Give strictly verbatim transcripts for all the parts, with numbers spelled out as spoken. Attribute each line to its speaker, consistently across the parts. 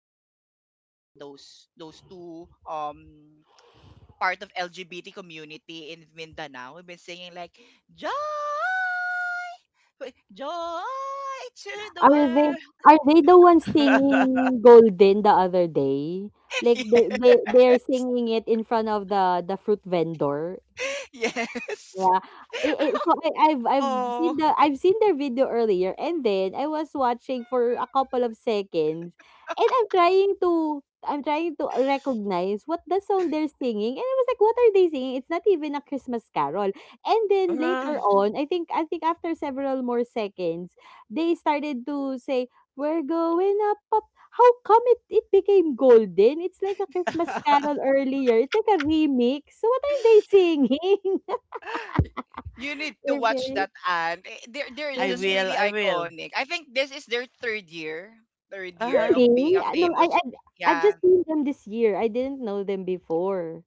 Speaker 1: TikTok sensation, those those two um part of L G B T community in Mindanao, we've been singing like joy, wait, joy to the
Speaker 2: Are they
Speaker 1: world.
Speaker 2: are they the ones singing Golden the other day? Like they they they're singing it in front of the the fruit vendor.
Speaker 1: Yes.
Speaker 2: Yeah. It, it, so I, I've I've seen
Speaker 3: Oh.
Speaker 2: the I've seen their video earlier, and then I was watching for a couple of seconds, and I'm trying to I'm trying to recognize what the song they're singing, and I was like, what are they singing? It's not even a Christmas carol. And then
Speaker 3: Uh,
Speaker 2: later on, I think I think after several more seconds they started to say, we're going up up. How come it, it became golden? It's like a Christmas carol earlier, it's like a remix. So what are they singing?
Speaker 1: You need to
Speaker 2: They're
Speaker 1: watch
Speaker 2: very
Speaker 1: that ad. Eh, They're they're
Speaker 3: I
Speaker 2: they're
Speaker 1: just
Speaker 3: will.
Speaker 1: really
Speaker 3: I will.
Speaker 1: iconic. I think this is their third year, third year
Speaker 3: Uh-huh.
Speaker 1: of being
Speaker 2: really?
Speaker 1: a
Speaker 2: Ah, no, I
Speaker 1: famous.
Speaker 2: I've I've
Speaker 1: Yeah,
Speaker 2: just seen them this year. I didn't know them before.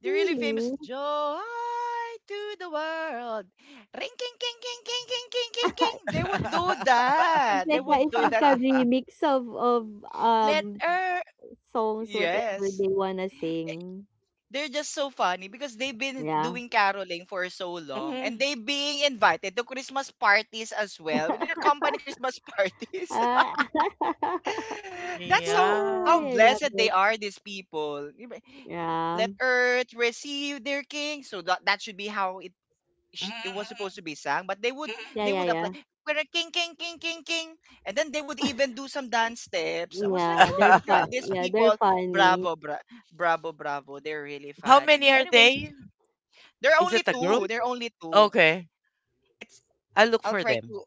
Speaker 1: they're really famous.
Speaker 2: Really?
Speaker 1: Joy to the world. Ring king king king king king king king king. They would do
Speaker 2: It's
Speaker 1: that. They
Speaker 2: like a,
Speaker 1: would
Speaker 2: it's
Speaker 1: do that.
Speaker 2: like a remix of of
Speaker 1: Let
Speaker 2: um
Speaker 1: her.
Speaker 2: songs, whatever
Speaker 1: Yes.
Speaker 2: they wanna sing.
Speaker 1: They're just so funny because they've been
Speaker 2: Yeah.
Speaker 1: doing caroling for so long and
Speaker 3: Mhm.
Speaker 1: they being invited to Christmas parties as well. You know, company Christmas parties.
Speaker 2: Ah,
Speaker 1: That's how how
Speaker 3: Yeah.
Speaker 2: I love
Speaker 1: blessed they
Speaker 2: it.
Speaker 1: are, these people. You
Speaker 2: Yeah.
Speaker 1: let earth receive their king. So that, that should be how it sh- it was supposed
Speaker 3: Mhm.
Speaker 1: to be sung. But they would
Speaker 2: Yeah,
Speaker 1: they
Speaker 2: yeah,
Speaker 1: would
Speaker 2: yeah.
Speaker 1: apply, "We're a king, king, king, king, king," and then they would even do some dance steps. I was like,
Speaker 2: Yeah,
Speaker 1: oh
Speaker 2: they're
Speaker 1: my god,
Speaker 2: fun.
Speaker 1: these
Speaker 2: Yeah, they're
Speaker 1: people,
Speaker 2: funny.
Speaker 1: bravo, bra- bravo, bravo. They're really
Speaker 3: How many
Speaker 1: funny.
Speaker 3: are
Speaker 1: Anyways,
Speaker 3: they?
Speaker 1: they're
Speaker 3: Is it
Speaker 1: only
Speaker 3: a group?
Speaker 1: two. They're only two.
Speaker 3: Okay.
Speaker 1: It's,
Speaker 3: I'll look
Speaker 1: I'll
Speaker 3: for
Speaker 1: try
Speaker 3: them.
Speaker 1: to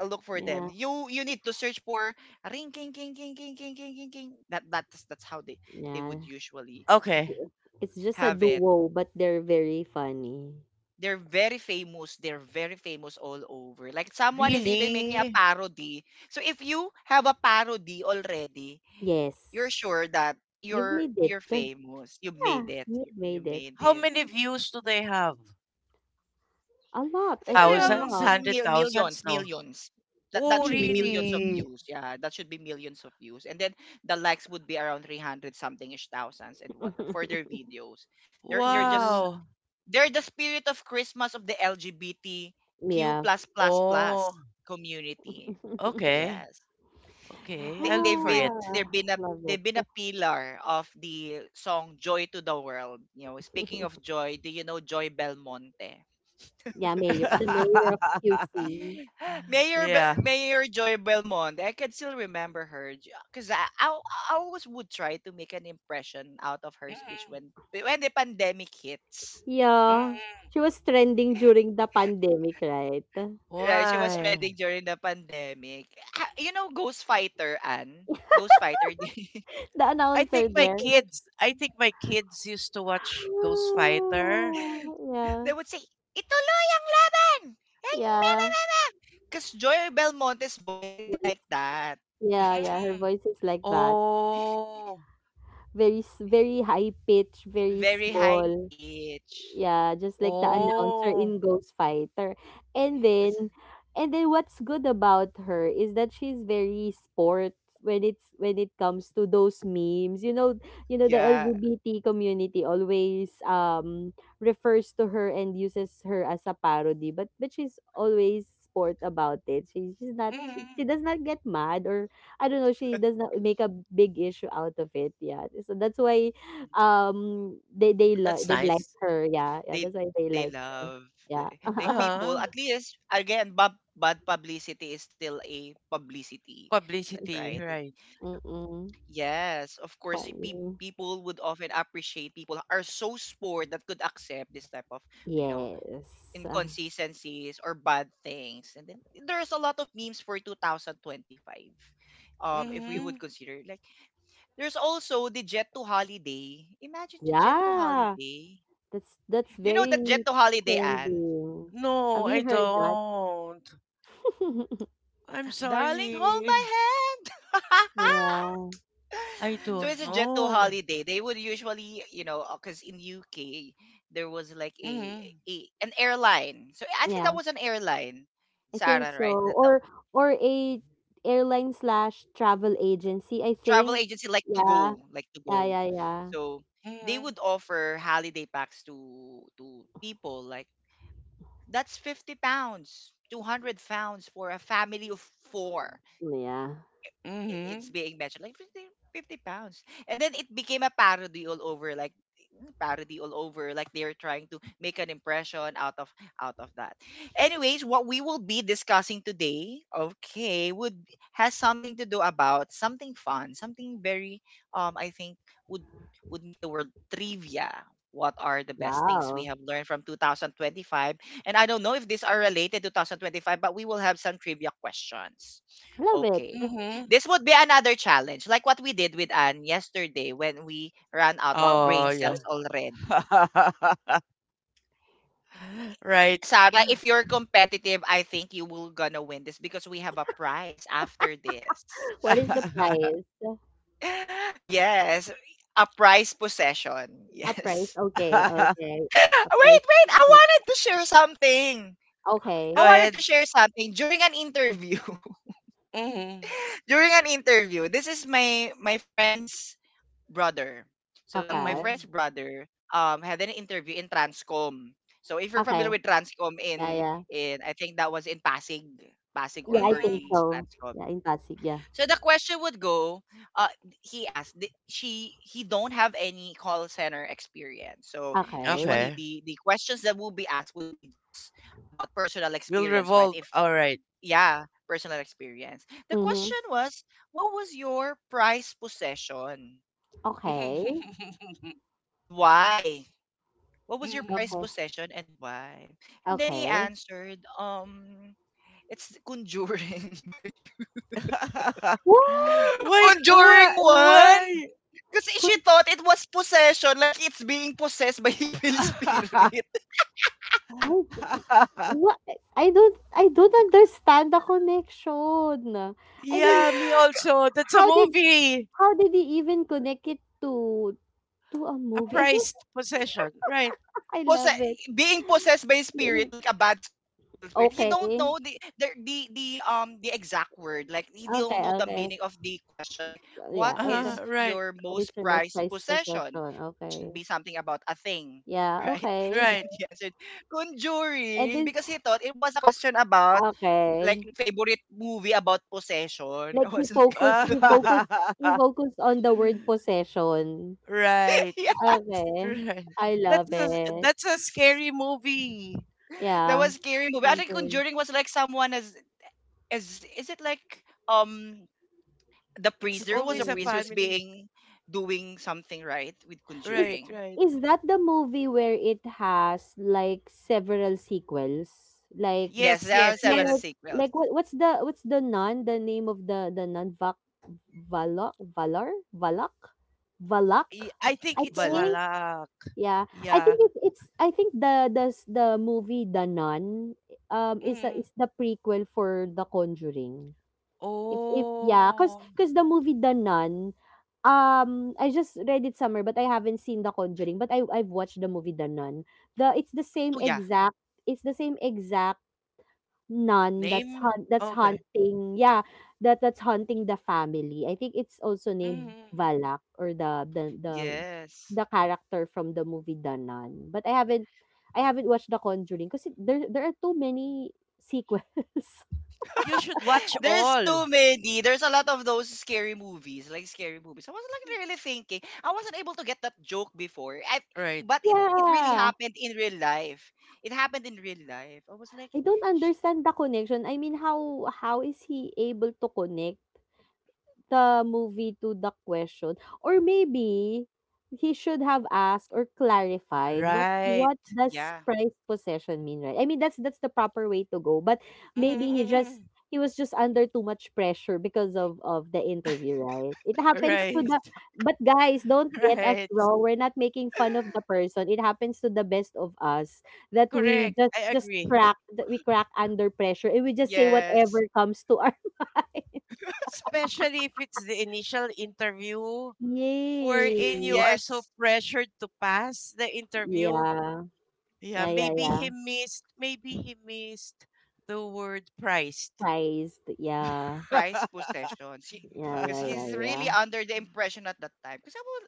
Speaker 1: look for them.
Speaker 2: Yeah.
Speaker 1: You you need to search for ring king king king king king king king king. That that's that's how they they would
Speaker 2: Yeah.
Speaker 1: usually
Speaker 2: It's
Speaker 3: Okay.
Speaker 2: it's just a
Speaker 1: have it.
Speaker 2: duo, but they're very funny.
Speaker 1: They're very famous. They're very famous all over. Like someone is even making a
Speaker 3: Really?
Speaker 1: parody. So if you have a parody already, you're
Speaker 2: Yes.
Speaker 1: sure that
Speaker 2: You've
Speaker 1: you're
Speaker 2: made it.
Speaker 1: you're famous. You made
Speaker 2: Yeah,
Speaker 1: it.
Speaker 2: you've
Speaker 1: You, you
Speaker 2: made it.
Speaker 1: made
Speaker 3: How
Speaker 1: it.
Speaker 3: many views do they have?
Speaker 2: A lot.
Speaker 1: I
Speaker 2: I
Speaker 1: think
Speaker 2: think
Speaker 1: there
Speaker 2: a
Speaker 1: are um,
Speaker 3: Thousands?
Speaker 2: lot.
Speaker 3: Hundred
Speaker 1: mil-
Speaker 3: thousands?
Speaker 1: millions,
Speaker 3: No.
Speaker 1: millions. That that
Speaker 3: Oh,
Speaker 1: should be
Speaker 2: Really.
Speaker 1: millions of
Speaker 3: really?
Speaker 1: views. Yeah, that should be millions of views. And then the likes would be around three hundred something ish thousands and whatnot for their videos. They're they're just
Speaker 2: Mm,
Speaker 3: Wow.
Speaker 1: they're the spirit of Christmas of the L G B T Q
Speaker 2: yeah.
Speaker 1: plus plus
Speaker 3: Oh,
Speaker 1: plus community.
Speaker 3: okay.
Speaker 1: Yes,
Speaker 3: Okay,
Speaker 1: they
Speaker 3: I look
Speaker 1: they've
Speaker 3: for it.
Speaker 1: been they've
Speaker 2: Ah,
Speaker 1: been a
Speaker 2: love
Speaker 1: they've been
Speaker 2: it.
Speaker 1: a pillar of the song Joy to the World. You know, speaking of joy, do you know Joy Belmonte?
Speaker 2: Yeah, mayor. The mayor of Q C.
Speaker 1: Mayor Be-
Speaker 3: Yeah.
Speaker 1: Mayor Joy Belmonte. I can still remember her because I, I I always would try to make an impression out of her speech
Speaker 3: Mhm,
Speaker 1: when when the pandemic hits.
Speaker 2: Yeah.
Speaker 3: mhm.
Speaker 2: She was trending during the pandemic, right?
Speaker 1: Right, she was
Speaker 3: Why?
Speaker 1: trending during the pandemic. Ah, you know, Ghost Fighter Anne, Ghost Fighter.
Speaker 2: The
Speaker 3: I think
Speaker 2: announcer
Speaker 3: my
Speaker 2: there.
Speaker 3: kids, I think my kids used to
Speaker 2: Ah,
Speaker 3: watch Ghost Fighter.
Speaker 2: yeah.
Speaker 1: They would say, "Ituloy ang laban."
Speaker 2: Yeah.
Speaker 1: Because Joy Belmonte's voice is
Speaker 2: Voice.
Speaker 1: like that,
Speaker 2: Yeah, yeah. Her
Speaker 3: Mhm.
Speaker 2: voice is like that.
Speaker 3: Oh,
Speaker 2: Very, s- very high pitch, very
Speaker 1: very high
Speaker 2: small.
Speaker 1: pitch.
Speaker 2: Yeah, just like the announcer
Speaker 3: oh.
Speaker 2: in Ghost Fighter. And then
Speaker 1: That's-
Speaker 2: and then what's good about her is that she's very sport when it's when it comes to those memes. You know, you know the
Speaker 1: Yeah,
Speaker 2: L G B T community always um refers to her and uses her as a parody, but but she's always sport about it. She, she's not she, she
Speaker 3: Mhm.
Speaker 2: does not get mad, or I don't know, she does not make a big issue out of it. Yeah. So that's why um, they they li
Speaker 3: That's
Speaker 2: they like
Speaker 3: nice.
Speaker 2: her, yeah, yeah,
Speaker 1: they
Speaker 2: that's why they
Speaker 1: they
Speaker 2: like her,
Speaker 1: love,
Speaker 2: yeah.
Speaker 1: like, like people.
Speaker 3: Uh-huh.
Speaker 1: At least again, bad, bad publicity is still a publicity, li- right?
Speaker 3: Publicity,
Speaker 1: It-
Speaker 3: right.
Speaker 2: Mm,
Speaker 1: yes, of course, y- peop
Speaker 2: funny.
Speaker 1: people would often appreciate people are so sport that could accept this type of, you know,
Speaker 2: Yes. Uh,
Speaker 1: inconsistencies or bad things. And then there's a lot of memes for twenty twenty-five, um if we
Speaker 3: Mm-hmm.
Speaker 1: would consider like there's also the jet to holiday. Imagine the jet to
Speaker 2: yeah,
Speaker 1: holiday.
Speaker 2: that's that's
Speaker 1: You know,
Speaker 2: very
Speaker 1: that jet to holiday, Anne?
Speaker 2: trending.
Speaker 3: No,
Speaker 2: Have
Speaker 3: I
Speaker 2: you heard that?
Speaker 3: don't. I'm
Speaker 1: Darling, hold my
Speaker 3: sorry.
Speaker 1: hand.
Speaker 2: Yeah,
Speaker 3: I
Speaker 1: So
Speaker 3: don't
Speaker 1: it's a jet to
Speaker 3: know.
Speaker 1: holiday. They would usually, you know, because in U K there was like a,
Speaker 3: Mhm.
Speaker 1: a an airline. So I think
Speaker 2: yeah,
Speaker 1: that was an airline,
Speaker 2: I think
Speaker 1: Sarah,
Speaker 2: so.
Speaker 1: right? That the
Speaker 2: Or or a airline slash travel agency, I
Speaker 1: travel
Speaker 2: think.
Speaker 1: agency, like to
Speaker 2: Yeah,
Speaker 1: go, like to
Speaker 2: yeah,
Speaker 1: go.
Speaker 2: yeah, yeah.
Speaker 1: So they
Speaker 3: Mhm.
Speaker 1: would offer holiday packs to to people like that's fifty pounds, two hundred pounds for a family of four.
Speaker 2: Yeah.
Speaker 1: I- it's
Speaker 3: Mhm.
Speaker 1: being mentioned like fifty, fifty pounds, and then it became a parody all over like parody all over, like they're trying to make an impression out of out of that. Anyways, what we will be discussing today, okay, would has something to do about something fun, something very, um I think would would make the word trivia. What are the best things we
Speaker 2: Wow.
Speaker 1: have learned from twenty twenty-five? And I don't know if these are related to twenty twenty-five, but we will have some trivia questions.
Speaker 2: Love it.
Speaker 1: Okay,
Speaker 3: Mhm.
Speaker 1: this would be another challenge, like what we did with Anne yesterday when we ran out of
Speaker 3: Wow. Oh,
Speaker 1: brain cells
Speaker 3: yeah.
Speaker 1: already.
Speaker 3: Right.
Speaker 1: Sarah, if you're competitive, I think you will gonna win this because we have a prize after this.
Speaker 2: What is the price?
Speaker 1: Yes, a prize possession.
Speaker 2: Ah, price,
Speaker 1: Yes.
Speaker 2: okay, okay. A
Speaker 1: Wait,
Speaker 2: price.
Speaker 1: wait, I wanted to share something. I
Speaker 3: Go
Speaker 2: Okay,
Speaker 1: wanted
Speaker 3: ahead.
Speaker 1: to share something during an interview.
Speaker 3: Mhm.
Speaker 1: During an interview, this is my my friend's brother. So that my
Speaker 2: okay,
Speaker 3: Mhm.
Speaker 1: friend's brother um had an interview in Transcom. So if you're
Speaker 2: okay.
Speaker 1: familiar with Transcom
Speaker 2: Yeah,
Speaker 1: in
Speaker 2: yeah.
Speaker 1: in I think that was in Pasig, Pasig
Speaker 2: Yeah,
Speaker 1: or
Speaker 2: I think
Speaker 3: Mhm.
Speaker 1: Ortigas
Speaker 2: so.
Speaker 1: Transcom.
Speaker 2: Yeah, in Pasig, yeah.
Speaker 1: So the question would go, uh he asked, "Di- she, he don't have any call center experience." So
Speaker 2: Okay.
Speaker 1: usually
Speaker 3: Okay.
Speaker 1: the the questions that will be asked would be just about personal
Speaker 3: We'll
Speaker 1: experience, right?
Speaker 3: revolve.
Speaker 1: If,
Speaker 3: All right.
Speaker 1: yeah, personal experience. The
Speaker 2: Mhm.
Speaker 1: question was, what was your prized possession?
Speaker 2: Okay,
Speaker 1: And why? What was your prized
Speaker 2: okay,
Speaker 3: Mhm.
Speaker 1: possession and why? And then he
Speaker 2: okay.
Speaker 1: answered, um, it's Conjuring by you.
Speaker 2: What?
Speaker 3: Why? Why?
Speaker 1: Conjuring one!
Speaker 3: Why?
Speaker 1: Kasi she
Speaker 2: Con-
Speaker 1: thought it was possession, like it's being possessed by evil spirit.
Speaker 2: I what? I don't I don't understand the connection. I mean,
Speaker 3: Yeah, me also. That's a
Speaker 2: how did
Speaker 3: movie.
Speaker 2: how did he even connect it to to a
Speaker 3: A
Speaker 2: movie? I don't
Speaker 3: prized possession. Right.
Speaker 2: I
Speaker 1: Possess,
Speaker 2: love it.
Speaker 1: being possessed by a spirit, like a bad spirit and evil spirit. He
Speaker 2: Okay.
Speaker 1: don't know the the the, the um the exact word. Like, he don't
Speaker 2: Okay,
Speaker 1: know the meaning
Speaker 2: okay.
Speaker 1: of the question, like, what
Speaker 2: Yeah,
Speaker 1: is
Speaker 2: okay.
Speaker 3: Uh,
Speaker 1: your
Speaker 3: right.
Speaker 1: most
Speaker 2: What is your
Speaker 1: prized
Speaker 2: most prized
Speaker 1: possession?
Speaker 2: possession?
Speaker 1: So that should be
Speaker 2: Okay.
Speaker 1: something about a thing. Right?
Speaker 2: Yeah,
Speaker 1: And then he
Speaker 2: okay.
Speaker 3: Right.
Speaker 1: answered conjuring because
Speaker 2: And
Speaker 1: he
Speaker 2: then
Speaker 1: thought it was a question about like
Speaker 2: okay.
Speaker 1: favorite movie about possession. I
Speaker 2: Like
Speaker 1: was
Speaker 2: he
Speaker 1: like,
Speaker 2: focused he focused he focused on the word possession.
Speaker 3: Right.
Speaker 1: yeah,
Speaker 2: Okay.
Speaker 3: Right.
Speaker 2: I love
Speaker 3: That's a
Speaker 2: it.
Speaker 3: that's a scary movie.
Speaker 1: that
Speaker 2: Yeah.
Speaker 1: was scary movie. I think
Speaker 2: Conjuring.
Speaker 1: conjuring was like someone as as is it like, um the
Speaker 3: It's
Speaker 1: priest, there was a
Speaker 3: always a
Speaker 1: priest
Speaker 2: Conjuring.
Speaker 1: who's
Speaker 3: family.
Speaker 1: being doing something right with
Speaker 2: Is
Speaker 3: Right,
Speaker 1: conjuring.
Speaker 3: right.
Speaker 2: is that the movie where it has like several sequels? Like
Speaker 1: Yes, there
Speaker 3: Yes,
Speaker 1: are
Speaker 3: yes,
Speaker 2: Like
Speaker 1: several
Speaker 3: yes.
Speaker 1: sequels.
Speaker 2: like what what's the what's the nun, the name of the the nun Vac Valok Valor? Valak? Valak?
Speaker 3: Y- I think
Speaker 2: I
Speaker 3: it's
Speaker 1: Vala.
Speaker 2: think.
Speaker 3: Malak.
Speaker 2: Yeah. I
Speaker 3: Yeah.
Speaker 2: think it's it's I think the the s- the movie The Nun um is a,
Speaker 3: Mm.
Speaker 2: is the prequel for The Conjuring. If if yeah, cuz
Speaker 3: Oh,
Speaker 2: cuz the movie The Nun um I just read it somewhere, but I haven't seen The Conjuring, but I I've watched the movie The Nun. The it's the same
Speaker 1: Oh yeah.
Speaker 2: exact it's the same exact Nun that's
Speaker 3: name?
Speaker 2: hunt. That's
Speaker 3: Okay.
Speaker 2: hunting, yeah, that that's hunting the family. I think it's also named
Speaker 3: Mm.
Speaker 2: Valak or the the the
Speaker 1: Yes.
Speaker 2: the character from the movie The Nun, but I haven't I haven't watched The Conjuring because there there are too many sequels.
Speaker 3: You should watch
Speaker 1: There's
Speaker 3: all.
Speaker 1: too many, there's a lot of those scary movies, like scary movies. I was like really thinking. I wasn't able to get that joke before, I,
Speaker 3: Right.
Speaker 1: but it it really
Speaker 2: Yeah,
Speaker 1: happened in real life. It happened in real life. I was like,
Speaker 2: I don't
Speaker 1: "Sh-
Speaker 2: understand the connection. I mean, how how is he able to connect the movie to the question? Or maybe he should have asked or clarified, what what
Speaker 3: Right.
Speaker 2: does
Speaker 1: yeah."
Speaker 2: prized possession mean, right? I mean, that's that's the proper way to go. But maybe he just
Speaker 3: Mm-mm.
Speaker 2: he was just under too much pressure because of of the interview, right? It happens to
Speaker 3: Right.
Speaker 2: the but guys, don't get us
Speaker 3: Right.
Speaker 2: wrong, we're not making fun of the person. It happens to the best of us that we
Speaker 3: Correct.
Speaker 2: just
Speaker 3: I
Speaker 2: just
Speaker 3: agree.
Speaker 2: crack that we crack under pressure, and we just say
Speaker 1: Yes.
Speaker 2: whatever comes to our
Speaker 3: Especially if it's the initial interview
Speaker 2: yay.
Speaker 3: wherein you are so
Speaker 1: Yes,
Speaker 3: pressured to pass the interview.
Speaker 2: Yeah.
Speaker 3: Yeah,
Speaker 2: Yeah, yeah,
Speaker 3: maybe
Speaker 2: yeah.
Speaker 3: he missed, maybe he missed the word priced.
Speaker 2: Priced. Yeah.
Speaker 1: prized possessions. He,
Speaker 2: Yeah,
Speaker 1: because
Speaker 2: yeah, yeah,
Speaker 1: he's really
Speaker 2: yeah.
Speaker 1: under the impression at that time. Because I was,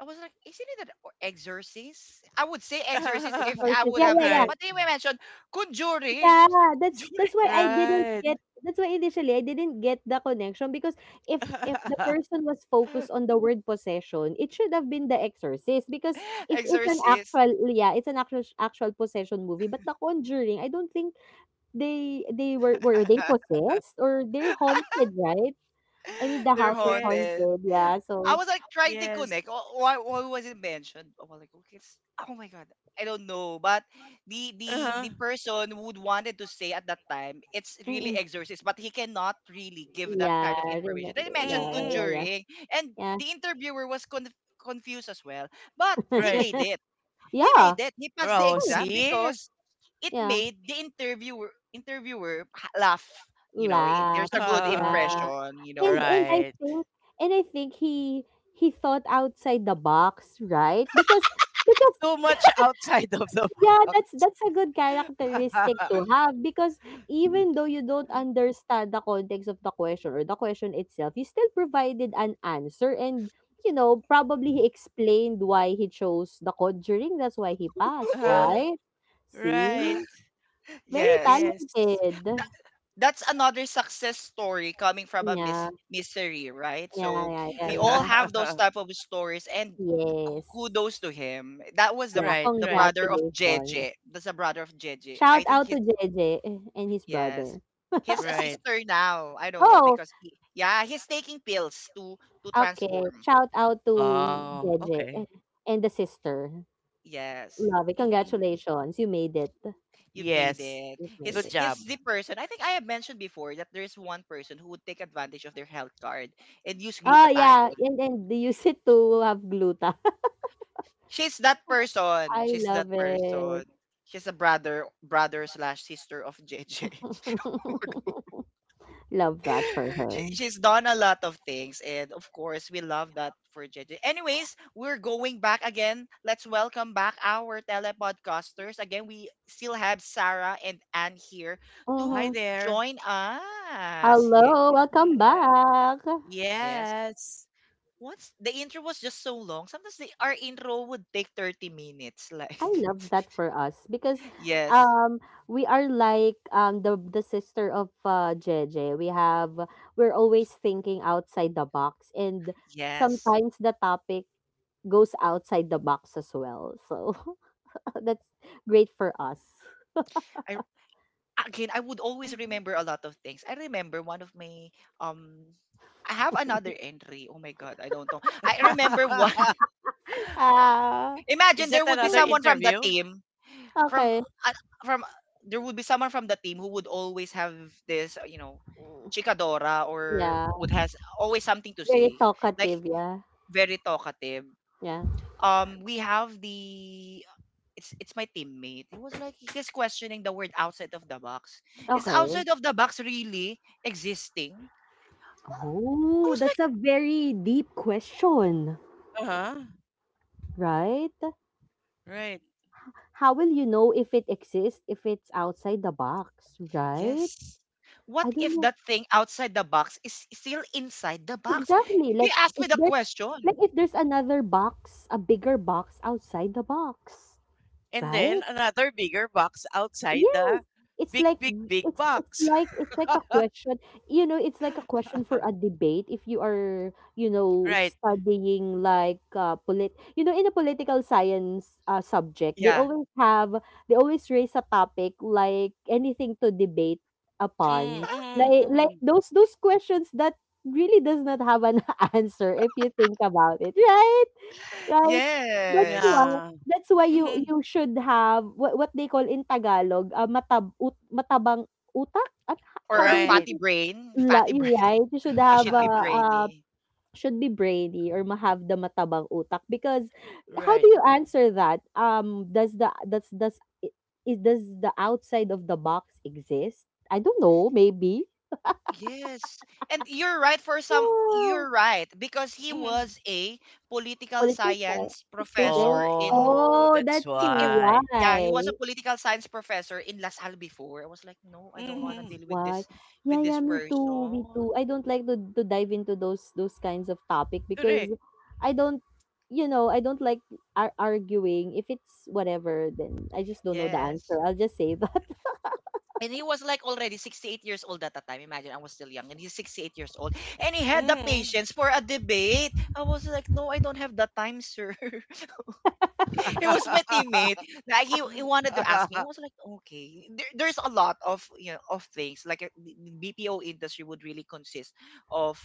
Speaker 1: I was like, isn't it an exorcist? I would say exorcist if I
Speaker 2: Sources.
Speaker 1: would
Speaker 2: Yeah,
Speaker 1: have
Speaker 2: yeah, yeah.
Speaker 1: different.
Speaker 3: Right,
Speaker 1: But they mentioned conjuring. I
Speaker 2: Yeah,
Speaker 1: was like,
Speaker 2: that's that's
Speaker 1: conjuring,
Speaker 2: why I didn't
Speaker 3: right.
Speaker 2: get that's why initially I didn't get the connection, because if if the person was focused on the word possession, it should have been The Exorcist, because it's it's an
Speaker 1: exorcist.
Speaker 2: actual yeah, it's an actual actual possession movie. But The Conjuring, I don't think they they were were they possessed or they're haunted, right? I mean, the
Speaker 1: They're
Speaker 2: house was
Speaker 3: Yes,
Speaker 1: haunted.
Speaker 2: haunted, yeah.
Speaker 1: I
Speaker 2: So,
Speaker 1: was like trying to
Speaker 3: yes.
Speaker 1: connect, oh, Why, why was it mentioned? Oh, like okay, it's, oh my god, I don't know. But the the
Speaker 3: Uh-huh.
Speaker 1: the person who would wanted to say at that time, it's really
Speaker 2: mm
Speaker 1: exorcist, but he cannot really give that
Speaker 2: yeah,
Speaker 1: kind of
Speaker 2: I
Speaker 1: information. They
Speaker 2: remember. Yeah,
Speaker 1: mentioned
Speaker 2: yeah, yeah,
Speaker 3: Mm-mm.
Speaker 2: yeah.
Speaker 1: conjuring, and
Speaker 2: Yeah.
Speaker 1: the interviewer was conf- confused as well. But he
Speaker 3: Right.
Speaker 1: made it. He
Speaker 2: Yeah,
Speaker 1: made it. He passed the
Speaker 2: of
Speaker 3: Oh,
Speaker 2: course.
Speaker 1: exam
Speaker 3: see?
Speaker 1: because it
Speaker 2: Yeah.
Speaker 1: made the interviewer interviewer ha- laugh. You know, it, there's
Speaker 2: Laugh.
Speaker 1: a good
Speaker 3: Uh,
Speaker 2: Yeah.
Speaker 1: impression. You know,
Speaker 2: And and I
Speaker 3: right.
Speaker 2: think and I think he he thought outside the box, right? Because because
Speaker 3: Too much outside of the
Speaker 2: yeah, that's that's a good characteristic
Speaker 3: box.
Speaker 2: to have, because even though you don't understand the context of the question or the question itself, you still provided an answer. And you know, probably he explained why he chose the conjuring, that's why he passed,
Speaker 3: Uh,
Speaker 2: right? See?
Speaker 3: right. I
Speaker 2: Very
Speaker 1: yes.
Speaker 3: guess.
Speaker 2: talented.
Speaker 1: That, that's another success story coming from a mis-
Speaker 2: Yeah,
Speaker 1: mystery, right?
Speaker 2: yeah,
Speaker 1: So
Speaker 2: yeah, yeah,
Speaker 1: we all
Speaker 2: yeah.
Speaker 1: have those type of stories and k- kudos
Speaker 2: Yes.
Speaker 1: to him. That was the
Speaker 2: Yeah,
Speaker 3: Right,
Speaker 1: the
Speaker 3: right,
Speaker 1: brother of
Speaker 2: congratulations.
Speaker 1: Jeje. That's the brother of Jeje.
Speaker 2: Shout
Speaker 1: I think
Speaker 2: out to
Speaker 1: he's,
Speaker 2: J J and his
Speaker 1: yes,
Speaker 2: brother.
Speaker 1: he's a
Speaker 3: right.
Speaker 1: sister now. I don't know
Speaker 2: Oh,
Speaker 1: because he, yeah, he's taking pills to to
Speaker 2: okay.
Speaker 1: transform.
Speaker 2: Shout out to
Speaker 3: Oh,
Speaker 2: J J
Speaker 3: okay.
Speaker 2: and the sister.
Speaker 1: Yes.
Speaker 2: Love it.
Speaker 3: Hmm.
Speaker 2: Congratulations. You made it.
Speaker 1: You made
Speaker 3: Yes.
Speaker 1: it.
Speaker 2: You made
Speaker 1: He's
Speaker 2: it.
Speaker 3: Good
Speaker 1: he's
Speaker 3: job.
Speaker 1: the person. I think I have mentioned before that there's one person who would take advantage of their health card and use
Speaker 2: Oh, yeah.
Speaker 1: glutathione.
Speaker 2: And then use it to have gluta.
Speaker 1: She's that person.
Speaker 2: I
Speaker 1: She's that
Speaker 2: love it.
Speaker 1: person. She's a brother brother slash sister of J J.
Speaker 2: Love that for
Speaker 1: she,
Speaker 2: her.
Speaker 1: she's done a lot of things and of course we love that for J J. Anyways, we're going back again. Let's welcome back our telepodcasters. Again, we still have Sarah and Anne here to
Speaker 2: Mm-hmm.
Speaker 3: Hi there.
Speaker 1: join us. Yes.
Speaker 2: Hello. Welcome back.
Speaker 1: Yes.
Speaker 3: Yes.
Speaker 1: Once the intro was just so long, sometimes the, our intro would take thirty minutes. Like,
Speaker 2: I love that for us because
Speaker 1: yes.
Speaker 2: um we are like um the the sister of uh J J. We have we're always thinking outside the box, and
Speaker 1: Yes.
Speaker 2: sometimes the topic goes outside the box as well. So that's great for us.
Speaker 1: I Again, I would always
Speaker 3: Mhm.
Speaker 1: remember a lot of things. I remember one of my, um I have another entry. Oh my god, I don't know. I remember one.
Speaker 2: Ah.
Speaker 1: Imagine
Speaker 3: Is
Speaker 1: there
Speaker 3: that
Speaker 1: would be
Speaker 3: another
Speaker 2: Mm,
Speaker 1: someone from the
Speaker 3: interview?
Speaker 1: team from
Speaker 2: okay.
Speaker 1: uh, from there would be someone from the team who would always have this, uh, you know,
Speaker 2: Mm,
Speaker 1: chikadora, or
Speaker 2: yeah.
Speaker 1: would has always something to
Speaker 2: Very
Speaker 1: say. Like,
Speaker 2: talkative, yeah.
Speaker 1: very talkative.
Speaker 2: Yeah.
Speaker 1: Um we have the, it's it's my teammate. He was like He's questioning the word outside of the box. Is
Speaker 2: Okay.
Speaker 1: outside of the box really existing? I
Speaker 2: Oh,
Speaker 1: was like,
Speaker 2: that's a very deep question,
Speaker 3: Uh-huh.
Speaker 2: right?
Speaker 3: Right.
Speaker 2: How will you know if it exists if it's outside the box, right?
Speaker 1: yes. What
Speaker 2: I don't
Speaker 1: if
Speaker 2: know.
Speaker 1: that thing outside the box is still inside the box?
Speaker 2: Exactly.
Speaker 1: He
Speaker 2: Like
Speaker 1: asked me
Speaker 2: if
Speaker 1: the
Speaker 2: there's
Speaker 1: question.
Speaker 2: like if there's another box, a bigger box outside the box,
Speaker 3: And
Speaker 2: right?
Speaker 3: then another bigger box outside the
Speaker 2: Yes, it's
Speaker 3: big,
Speaker 2: like
Speaker 3: big,
Speaker 2: it's
Speaker 3: big
Speaker 2: it's
Speaker 3: box.
Speaker 2: like it's like a question. You know, it's like a question for a debate if you are, you know,
Speaker 3: Right.
Speaker 2: studying like uh, polit. You know, in a political science uh, subject, they
Speaker 1: Yeah.
Speaker 2: always have they always raise a topic like anything to debate upon.
Speaker 3: Mm-hmm,
Speaker 2: Like like
Speaker 3: mm-hmm.
Speaker 2: those those questions that really does not have an answer if you think about it, right? Right? That's why
Speaker 1: Yes.
Speaker 3: Yeah.
Speaker 2: that's why you
Speaker 3: Mm-hmm.
Speaker 2: you should have what what they call in Tagalog, ah, matab ut matabang utak? At h-
Speaker 1: Or
Speaker 2: how do
Speaker 1: our
Speaker 2: we do
Speaker 3: Right.
Speaker 1: fatty
Speaker 2: it?
Speaker 1: brain,
Speaker 2: La
Speaker 1: fatty brain.
Speaker 2: you right? You should
Speaker 1: You
Speaker 2: have
Speaker 1: should
Speaker 2: a,
Speaker 1: be
Speaker 2: uh,
Speaker 1: brainy.
Speaker 2: should be brainy or ma have the matabang utak, because how do
Speaker 3: Right.
Speaker 2: you answer that? Um, does the does does I- is does the outside of the box exist? I don't know, maybe.
Speaker 1: Yes. And you're right, for some
Speaker 2: Ah,
Speaker 1: you're right because he
Speaker 3: Mhm.
Speaker 1: was a political
Speaker 2: politics,
Speaker 1: science
Speaker 2: eh? Student.
Speaker 1: professor in,
Speaker 3: Oh,
Speaker 2: Oh,
Speaker 3: that's
Speaker 2: that's
Speaker 1: He- it
Speaker 3: why.
Speaker 1: yeah, he
Speaker 2: why.
Speaker 1: was a political science professor in LaSalle before. I was like, no, I don't want to
Speaker 2: That's
Speaker 3: Hmm.
Speaker 1: deal with
Speaker 2: why.
Speaker 1: this
Speaker 2: Yeah,
Speaker 1: with this
Speaker 2: yeah, me too, me too.
Speaker 1: person.
Speaker 2: I don't like to to dive into those those kinds of topic, because
Speaker 3: Correct.
Speaker 2: I don't, you know, I don't like ar- arguing. If it's whatever, then I just don't know the
Speaker 1: Yes.
Speaker 2: answer. I'll just say that
Speaker 1: And he was like already sixty-eight years old at the time. Imagine, I was still young. And he's sixty-eight years old. And he had the
Speaker 3: Hmm.
Speaker 1: patience for a debate. I was like, no, I don't have the time, sir. He was my teammate. Like, he, he wanted to ask me. I was like, okay. There, there's a lot of, you know, of things. Like, uh, the the B P O industry would really consist of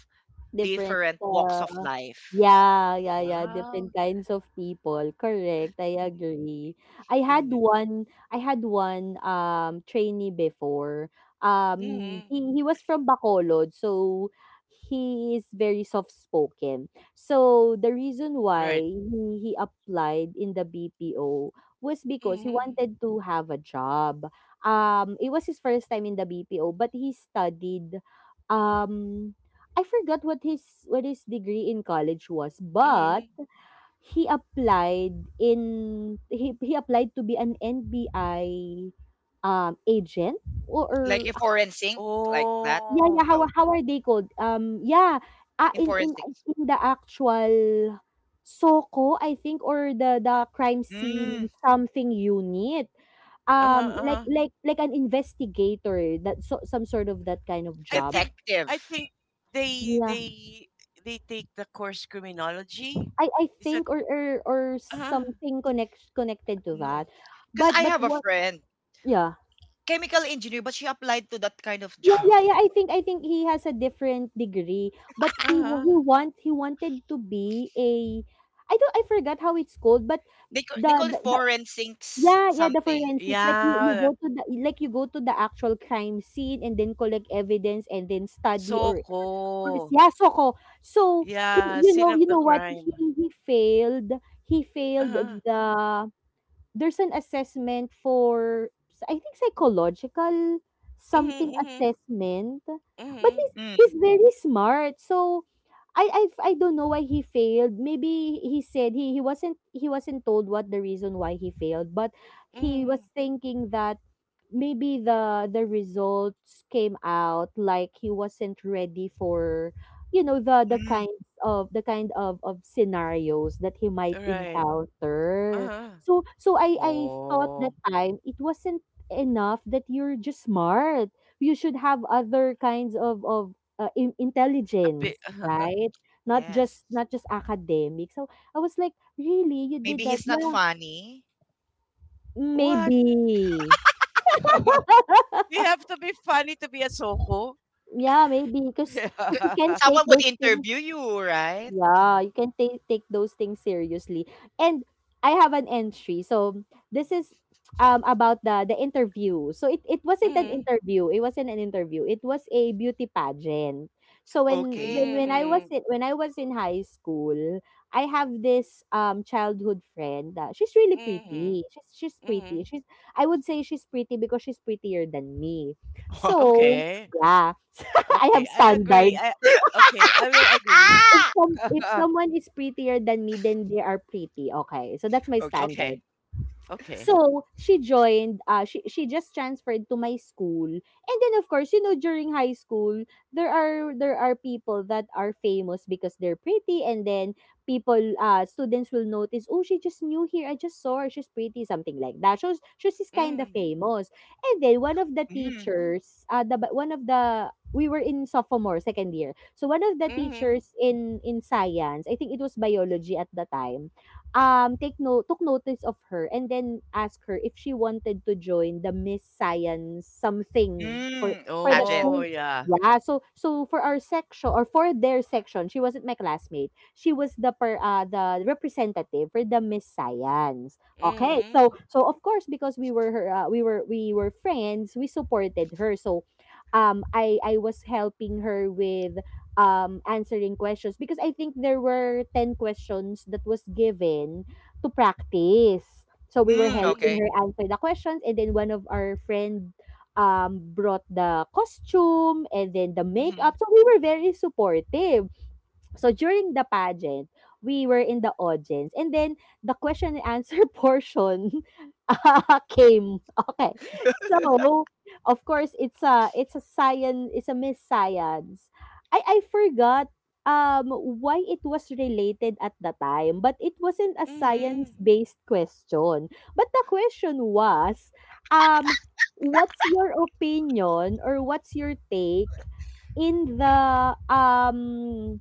Speaker 2: different.
Speaker 1: different walks
Speaker 2: Uh,
Speaker 1: of life.
Speaker 2: yeah, yeah, yeah,
Speaker 1: Wow.
Speaker 2: different kinds of people, correct, I agree. I had
Speaker 1: In
Speaker 2: one I had one, um, trainee before, um,
Speaker 3: Hmm.
Speaker 2: he he was from Bacolod, so he is very soft spoken. So, the reason why
Speaker 3: Right.
Speaker 2: he he applied in the B P O was because he
Speaker 3: Hmm.
Speaker 2: wanted to have a job. Um, it was his first time in the B P O, but he studied, um I forgot what his what his degree in college was, but
Speaker 3: Hmm.
Speaker 2: he applied in he, he applied to be an N B I um agent, or,
Speaker 1: Like
Speaker 2: or
Speaker 1: in foreign sync, like that?
Speaker 2: yeah yeah
Speaker 3: Oh.
Speaker 2: how
Speaker 1: No,
Speaker 2: are- how are they called um yeah uh,
Speaker 1: in
Speaker 2: in
Speaker 1: foreign
Speaker 2: in
Speaker 1: sync.
Speaker 2: in the actual SOCO, I think, or the the crime
Speaker 1: Mm,
Speaker 2: scene something unit,
Speaker 3: Uh-huh,
Speaker 2: um like
Speaker 3: uh-huh.
Speaker 2: like like an investigator, that so some sort of that kind of
Speaker 3: I
Speaker 2: job.
Speaker 3: think
Speaker 1: detective.
Speaker 3: I think they
Speaker 2: Yeah.
Speaker 3: they they take the course criminology.
Speaker 2: I I
Speaker 3: Is that
Speaker 2: think or or or
Speaker 3: uh-huh,
Speaker 2: something connect connected to
Speaker 1: No,
Speaker 2: that.
Speaker 1: because I
Speaker 2: But but
Speaker 1: have a
Speaker 2: what
Speaker 1: friend,
Speaker 2: yeah.
Speaker 1: chemical engineer, but she applied to that kind of
Speaker 2: Yeah,
Speaker 1: job.
Speaker 2: yeah, yeah. I think I think he has a different degree, but he wa-
Speaker 3: uh-huh.
Speaker 2: he want he wanted to be a I don't I forgot how it's called, but
Speaker 1: They ca-
Speaker 2: the,
Speaker 1: they call it
Speaker 2: the, the
Speaker 1: forensics
Speaker 2: yeah, yeah, the
Speaker 1: something.
Speaker 2: forensics, like you, you
Speaker 3: Yeah.
Speaker 2: go to the like you go to the actual crime scene and then collect evidence and then study or or
Speaker 3: Soko.
Speaker 2: yeah, soko. So he
Speaker 3: Yeah,
Speaker 2: you
Speaker 3: sin
Speaker 2: know,
Speaker 3: of
Speaker 2: you
Speaker 3: the
Speaker 2: know what? He
Speaker 3: crime.
Speaker 2: he failed. He failed
Speaker 3: Uh-huh.
Speaker 2: the there's an assessment for I think psychological
Speaker 3: Hmm.
Speaker 2: something
Speaker 3: Hmm.
Speaker 2: assessment. But
Speaker 3: Hmm.
Speaker 2: he's
Speaker 1: Mm,
Speaker 2: he's very smart. So I I've, I don't know why he failed. Maybe he said he, he wasn't he wasn't told what the reason why he failed, but he
Speaker 3: Mm,
Speaker 2: was thinking that maybe the the results came out like he wasn't ready for you know the the
Speaker 1: mm,
Speaker 2: kinds of the kind of of scenarios that he might
Speaker 3: right.
Speaker 2: encounter.
Speaker 3: Uh-huh.
Speaker 2: So so i i thought
Speaker 3: Oh,
Speaker 2: that time it wasn't enough that you're just smart. You should have other kinds of of uh, in-
Speaker 3: a bit.
Speaker 2: intelligence, right? not
Speaker 1: yes.
Speaker 2: just not just academic. So I was like, "Really, you did
Speaker 1: Maybe
Speaker 2: that?"
Speaker 1: he's not
Speaker 2: Yeah,
Speaker 1: funny.
Speaker 3: What?
Speaker 2: maybe.
Speaker 3: We have to be funny to be a soko?
Speaker 2: Yeah, maybe, cause, cause
Speaker 1: C-
Speaker 2: you can
Speaker 3: Yeah.
Speaker 2: take
Speaker 1: Someone would
Speaker 2: those things,
Speaker 1: interview you, right?
Speaker 2: yeah,
Speaker 1: Mm,
Speaker 2: you can take take those things seriously. And I have an entry. So this is um about the the interview. So it, it wasn't an
Speaker 3: Mm,
Speaker 2: interview. It wasn't an interview. It was a beauty pageant. So when when
Speaker 1: okay.
Speaker 2: when I was
Speaker 3: mm,
Speaker 2: in when I was in high school, I have this um childhood friend. Uh, she's really pretty.
Speaker 3: mm,
Speaker 2: She's she's pretty.
Speaker 3: mm.
Speaker 2: She's I would say she's pretty because she's prettier than me.
Speaker 1: Wow.
Speaker 2: So
Speaker 3: Okay.
Speaker 2: yeah, I have
Speaker 3: Okay. I agree.
Speaker 2: standards.
Speaker 3: I okay, I will agree.
Speaker 2: If some if someone is prettier than me, then they are pretty, okay. So that's my
Speaker 1: Okay.
Speaker 2: standard.
Speaker 3: Okay. Okay.
Speaker 2: So she joined, uh, she, she just transferred to my school. And then, of course, you know, during high school, there are, there are people that are famous because they're pretty. And then people, uh, students will notice, "Oh, she just new here. I just saw her. She's pretty," something like that. So, so she's kind of
Speaker 3: Mm,
Speaker 2: famous. And then one of the
Speaker 1: Mm,
Speaker 2: teachers, uh, the, one of the, we were in sophomore, second year. So one of the
Speaker 3: mm.
Speaker 2: teachers in in science, I think it was biology at the time, um, take no took notice of her and then asked her if she wanted to join the Miss Science something for
Speaker 1: mm,
Speaker 2: for the
Speaker 1: pageant.
Speaker 3: Oh,
Speaker 2: school.
Speaker 3: yeah.
Speaker 2: Yeah, so so for our section or for their section, she wasn't my classmate. She was the per, uh, the representative for the Miss Science. Okay, so
Speaker 3: Mm,
Speaker 2: so of course, because we were her, uh, we were we were friends, we supported her. So, um, I I was helping her with um, answering questions because I think there were ten questions that was given to practice. So we were
Speaker 1: Hmm, okay.
Speaker 2: helping her
Speaker 3: mm,
Speaker 2: answer the questions, and then one of our friend um, brought the costume and then the
Speaker 1: Mhm,
Speaker 2: makeup. So we were very supportive. So during the pageant, we were in the audience and then the question and answer portion uh, came. Okay. So of course, it's a it's a science, it's a Miss Science. I I forgot um why it was related at the time, but it wasn't a
Speaker 3: mm.
Speaker 2: science-based question. But the question was, um what's your opinion or what's your take in the um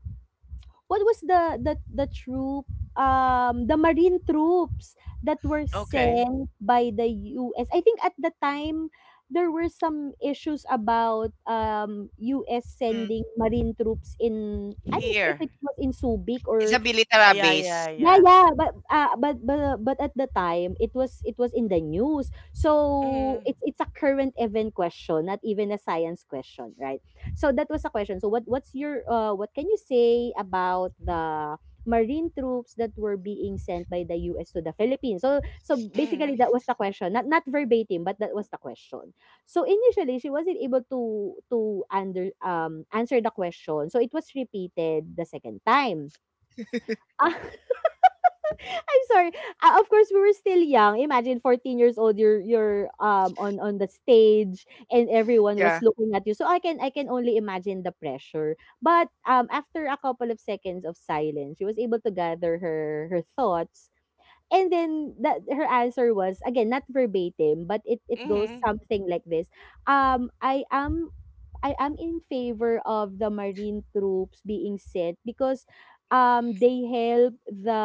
Speaker 2: what was the the the troop, um, the marine troops that were
Speaker 3: Okay.
Speaker 2: sent by the U S? I think at the time, there were some issues about, um, U S
Speaker 1: hmm.
Speaker 2: sending marine troops in. I'm not sure if
Speaker 3: Here.
Speaker 2: it was in Subic
Speaker 1: It's
Speaker 2: or.
Speaker 1: a
Speaker 3: Ah,
Speaker 1: military
Speaker 3: Yeah,
Speaker 1: base.
Speaker 3: yeah,
Speaker 2: Yeah,
Speaker 3: yeah.
Speaker 2: yeah, but, ah, but but but at the time, it was it was in the news. So
Speaker 3: Mm,
Speaker 2: it's it's a current event question, not even a science question, right? So that was a question. So what what's your uh, what can you say about the marine troops that were being sent by the U S to the Philippines? So so basically
Speaker 3: mm,
Speaker 2: that was the question. Not not verbatim, but that was the question. So initially, she wasn't able to to under um answer the question. So it was repeated the second time. I'm sorry. Ah, of course, we were still young. Imagine fourteen years old. You're you're um on on the stage, and everyone was
Speaker 1: Yeah.
Speaker 2: looking at you. So I can I can only imagine the pressure. But um, after a couple of seconds of silence, she was able to gather her her thoughts. And then that her answer was again not verbatim, but it it goes
Speaker 3: mm.
Speaker 2: something like this. Um, I am I am in favor of the marine troops being sent because um they help the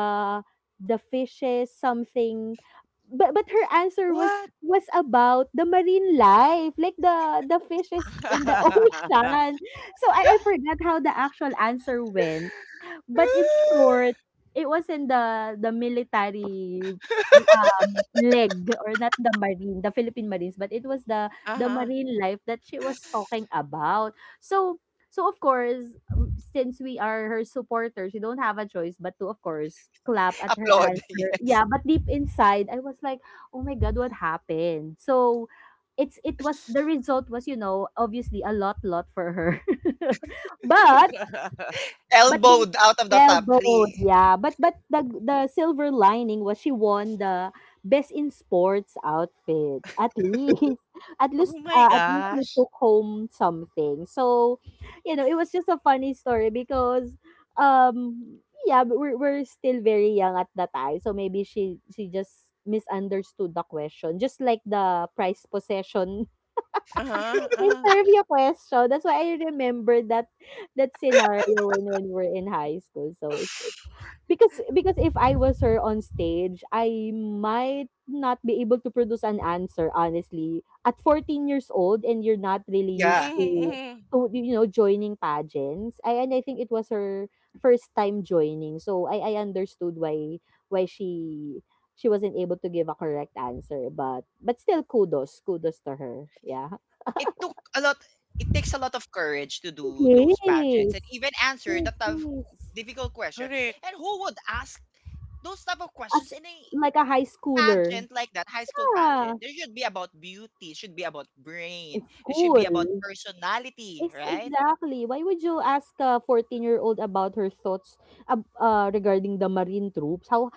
Speaker 2: the fishes something. But but her answer was
Speaker 3: What?
Speaker 2: was about the marine life, like the the fishes in the ocean. So I, I forgot how the actual answer went, but in short, it was in the the military leg, or not the Marine, the Philippine Marines, but it was the the
Speaker 3: Uh-huh.
Speaker 2: marine life that she was talking about. So so of course, um, since we are her supporters, we don't have a choice but to, of course, clap at her
Speaker 1: Applaud,
Speaker 2: answer.
Speaker 1: yes.
Speaker 2: Yeah, but deep inside, I was like, "Oh my god, what happened?" So it's it was, the result was, you know, obviously a lot lot for her. But but the
Speaker 1: Elbowed out of the top three.
Speaker 2: elbowed, yeah. But but the the silver lining was she won the best in sports outfit. At least, at
Speaker 3: Oh
Speaker 2: least,
Speaker 3: my
Speaker 2: uh, at least we
Speaker 3: gosh.
Speaker 2: took home something. So you know, it was just a funny story because, um, yeah, but we're we're still very young at that time. So maybe she she just misunderstood the question, just like the prize possession
Speaker 3: Uh-huh. Uh-huh.
Speaker 2: Interview question. That's why I remember that that scenario when when we're in high school. So it's it's- because because if I was her on stage, I might not be able to produce an answer honestly. At fourteen years old, and you're not really used
Speaker 1: Yeah.
Speaker 3: Mhm,
Speaker 2: to
Speaker 3: mhm.
Speaker 2: to you know joining pageants. I and I think it was her first time joining. So I I understood why why she she wasn't able to give a correct answer, but but still, kudos kudos to her, yeah.
Speaker 1: It took a lot it takes a lot of courage to do those pageants and
Speaker 2: Yes.
Speaker 1: even answer the
Speaker 2: Yes,
Speaker 1: tough
Speaker 2: yes.
Speaker 1: difficult question.
Speaker 3: Correct.
Speaker 1: And who would ask those type of questions
Speaker 2: As
Speaker 1: in a
Speaker 2: like a high schooler.
Speaker 1: pageant like that, high school
Speaker 2: Yeah,
Speaker 1: pageant? There should be about beauty, should be about brain, it should be about
Speaker 2: school.
Speaker 1: personality,
Speaker 2: Yes,
Speaker 1: right?
Speaker 2: exactly. Why would you ask a fourteen-year-old about her thoughts ab uh, regarding the marine troops? How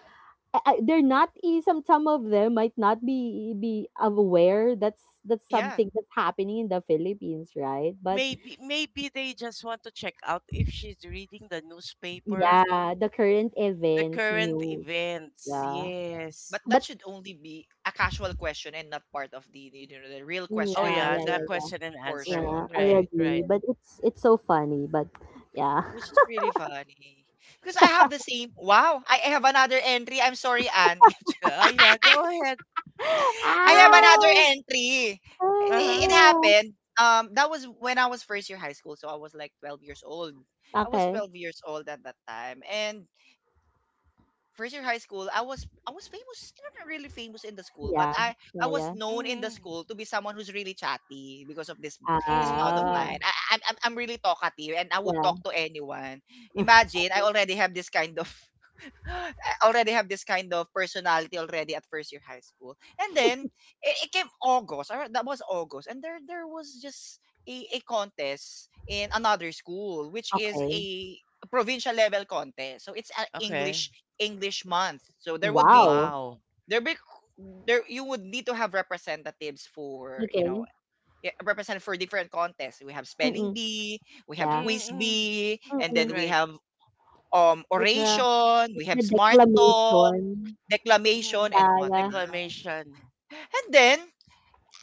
Speaker 2: I, I, they're not, eh, some some of them might not be be aware that's that's
Speaker 1: Yeah.
Speaker 2: something that's happening in the Philippines, right? But
Speaker 3: Maybe maybe they just want to check out if she's reading the newspaper,
Speaker 2: yeah, the current
Speaker 3: the
Speaker 2: events,
Speaker 3: current
Speaker 2: news.
Speaker 3: events.
Speaker 2: Yeah.
Speaker 3: Yes.
Speaker 1: But that
Speaker 2: But
Speaker 1: should only be a casual question and not part of the the- you know the real
Speaker 2: mm,
Speaker 1: question
Speaker 3: Oh
Speaker 1: and
Speaker 2: yeah,
Speaker 3: yeah,
Speaker 2: yeah,
Speaker 3: that
Speaker 2: yeah,
Speaker 1: answer
Speaker 2: yeah.
Speaker 3: question and answer.
Speaker 2: Yeah,
Speaker 1: portion,
Speaker 2: I
Speaker 3: Right,
Speaker 1: right?
Speaker 2: agree,
Speaker 3: right.
Speaker 2: but it's it's so funny, but yeah.
Speaker 1: Which is really funny. Because I have the same wow, I I have another entry. I'm sorry, Anne.
Speaker 3: Go- Oh yeah, go ahead.
Speaker 1: I
Speaker 3: Go
Speaker 1: have
Speaker 3: ahead.
Speaker 1: another
Speaker 2: Ow!
Speaker 1: entry. It, it
Speaker 3: Uh-huh.
Speaker 2: Ah.
Speaker 1: happened. Um, that was when I was first year high school, so I was like twelve years old. I was
Speaker 2: Okay.
Speaker 1: twelve years old at that time, and first year high school, I was I was famous, not really famous in the school, but
Speaker 2: Yeah.
Speaker 1: I I
Speaker 2: Yeah,
Speaker 1: was
Speaker 2: yeah.
Speaker 1: known in the
Speaker 3: Mm-hmm.
Speaker 1: school to be someone who's really chatty because of this this mouth of
Speaker 3: Mm-hmm.
Speaker 2: Ah.
Speaker 1: mine.
Speaker 3: Mm-hmm.
Speaker 1: I, I'm I'm I'm really talkative and I would
Speaker 2: Yeah.
Speaker 1: talk to anyone. Imagine I already have this kind of already have this kind of personality already at first year high school. And then it, it came August. Or that was August. And there there was just a, a contest in another school, which is
Speaker 2: Okay.
Speaker 1: a provincial level contest. So it's an
Speaker 3: Okay.
Speaker 1: English English month. So there would be
Speaker 2: Wow.
Speaker 3: Wow.
Speaker 1: there be there you would need to have representatives for you know
Speaker 2: Okay.
Speaker 1: yeah, represent for different contests. We have spelling
Speaker 2: Mm-mm.
Speaker 1: bee, we have
Speaker 2: Yeah.
Speaker 1: quiz
Speaker 3: Mm-hmm.
Speaker 1: bee, and
Speaker 2: Mm-mm.
Speaker 1: then we
Speaker 3: Right.
Speaker 1: have um
Speaker 2: Like the
Speaker 1: oration,
Speaker 2: like
Speaker 1: we have
Speaker 2: the
Speaker 1: smart talk,
Speaker 2: declamation.
Speaker 1: declamation
Speaker 3: Mm.
Speaker 1: and
Speaker 2: Yeah, yeah.
Speaker 1: whatnot.
Speaker 3: Declamation.
Speaker 1: And then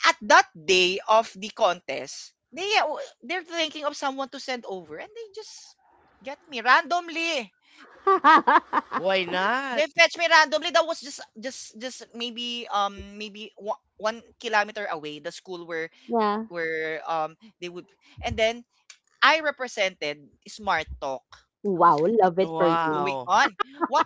Speaker 1: at that day of the contest, they uh, they're thinking of someone to send over, and they just get me randomly.
Speaker 3: Why
Speaker 1: They
Speaker 3: not?
Speaker 1: fetch me randomly. That was just just just maybe um maybe wa- one kilometer away, the school where
Speaker 2: Yeah.
Speaker 1: where um they would, and then I represented Smart Talk. I was
Speaker 2: Wow,
Speaker 1: like,
Speaker 2: love
Speaker 1: what's
Speaker 2: it for
Speaker 1: what's
Speaker 2: you.
Speaker 1: going
Speaker 3: Wow,
Speaker 1: on? What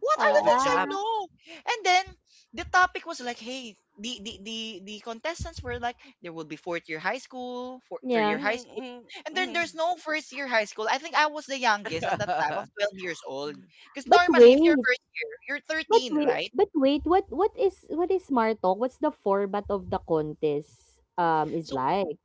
Speaker 1: What are the
Speaker 3: good
Speaker 1: things I
Speaker 3: job.
Speaker 2: Ah.
Speaker 1: know? And then the topic was like, hey, the the the, the contestants were like, there will be fourth year high school, four, third year
Speaker 2: Yeah.
Speaker 1: high
Speaker 3: Mhm,
Speaker 1: school,
Speaker 3: mhm,
Speaker 1: and then there's
Speaker 3: mhm.
Speaker 1: no first year high school. I think I was the youngest at that time, of
Speaker 3: Mhm.
Speaker 1: twelve years old. Because
Speaker 2: But
Speaker 1: normally, if you're
Speaker 2: wait,
Speaker 1: first year, you're
Speaker 2: but
Speaker 1: thirteen,
Speaker 2: wait,
Speaker 1: right?
Speaker 2: but wait, what what is what is Smart Talk? What's the format of the contest? Um, is
Speaker 1: So
Speaker 2: like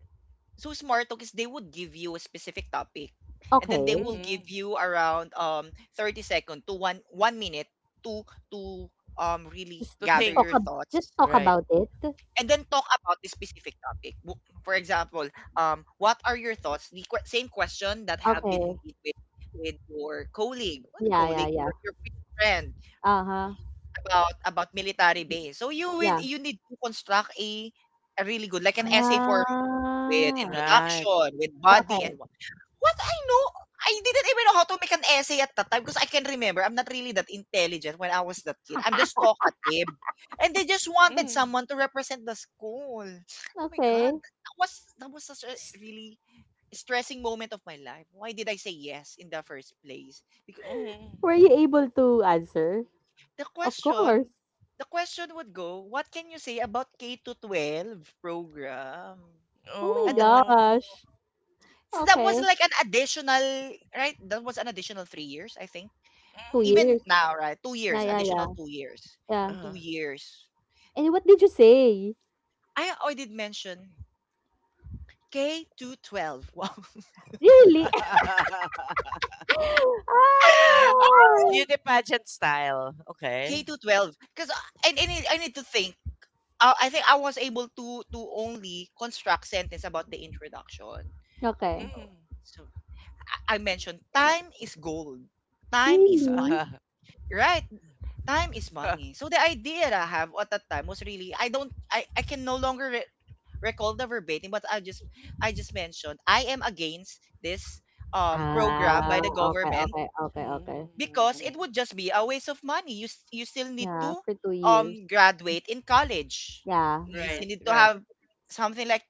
Speaker 1: so smart because they would give you a specific topic, and then they
Speaker 2: okay,
Speaker 1: will give you around um thirty second to one one minute to to um really
Speaker 2: just
Speaker 3: To
Speaker 2: just
Speaker 1: gather
Speaker 2: talk
Speaker 1: your
Speaker 3: think.
Speaker 2: ab-
Speaker 1: thoughts
Speaker 2: just talk
Speaker 3: Right.
Speaker 2: about it.
Speaker 1: and then talk about the specific topic. W- For example, um, what are your thoughts? The que- same question that have
Speaker 2: Okay,
Speaker 1: been made with, with your colleague, what
Speaker 2: yeah, yeah,
Speaker 1: colleague,
Speaker 2: yeah.
Speaker 1: your, your friend
Speaker 2: Uh huh.
Speaker 1: about about military base. So you will
Speaker 2: Yeah.
Speaker 1: you need to construct a a really good like an essay form with
Speaker 2: Ah.
Speaker 3: Right.
Speaker 1: introduction, with body and
Speaker 2: Okay.
Speaker 1: what. What I know, I didn't even know how to make an essay at that time because I can remember I'm not really that intelligent when I was that kid. I'm just talkative. And they just wanted
Speaker 3: Mhm.
Speaker 1: someone to represent the school. Oh my god,
Speaker 2: Okay.
Speaker 1: that was that was such a
Speaker 3: S-
Speaker 1: really stressing moment of my life. Why did I say yes in the first place? Because
Speaker 3: mhm.
Speaker 2: Were you able to answer?
Speaker 1: the
Speaker 2: Of
Speaker 1: question
Speaker 2: course.
Speaker 1: the question would go, what can you say about K to twelve program
Speaker 2: Oh my
Speaker 1: at the time?
Speaker 3: Oh.
Speaker 2: gosh.
Speaker 1: So that
Speaker 2: Okay.
Speaker 1: was like an additional, right? That was an additional three years, I think.
Speaker 2: Two
Speaker 3: Mhm.
Speaker 1: Even
Speaker 2: years.
Speaker 1: now, right? two
Speaker 2: Yeah,
Speaker 1: years,
Speaker 2: yeah, yeah,
Speaker 1: additional two years.
Speaker 2: yeah.
Speaker 3: Uh-huh.
Speaker 1: two years.
Speaker 2: And what did you say?
Speaker 1: I Oh, I did mention K to twelve. Wow.
Speaker 2: Really? Ah.
Speaker 3: Beauty pageant style.
Speaker 1: K
Speaker 3: Okay.
Speaker 1: to twelve because I, I need I need to think. Uh, I think I was able to to only construct sentence about the introduction. Uh,
Speaker 2: Okay.
Speaker 1: You know,
Speaker 3: Mhm.
Speaker 1: so I, I mentioned time is gold, time is
Speaker 2: Really?
Speaker 1: money,
Speaker 3: Mhm.
Speaker 1: right? Time is money. So the idea that I have at that time was really I don't I I can no longer recall the verbatim, but I just I just mentioned I am against this um program
Speaker 2: Ah,
Speaker 1: by the
Speaker 2: okay,
Speaker 1: government
Speaker 2: okay, okay, okay.
Speaker 1: because it would just be a waste of money. You s- you still need
Speaker 2: Yeah,
Speaker 1: to
Speaker 2: for two years.
Speaker 1: um graduate in college.
Speaker 2: Yeah,
Speaker 1: You
Speaker 3: Right,
Speaker 1: still need to
Speaker 3: right.
Speaker 1: have something like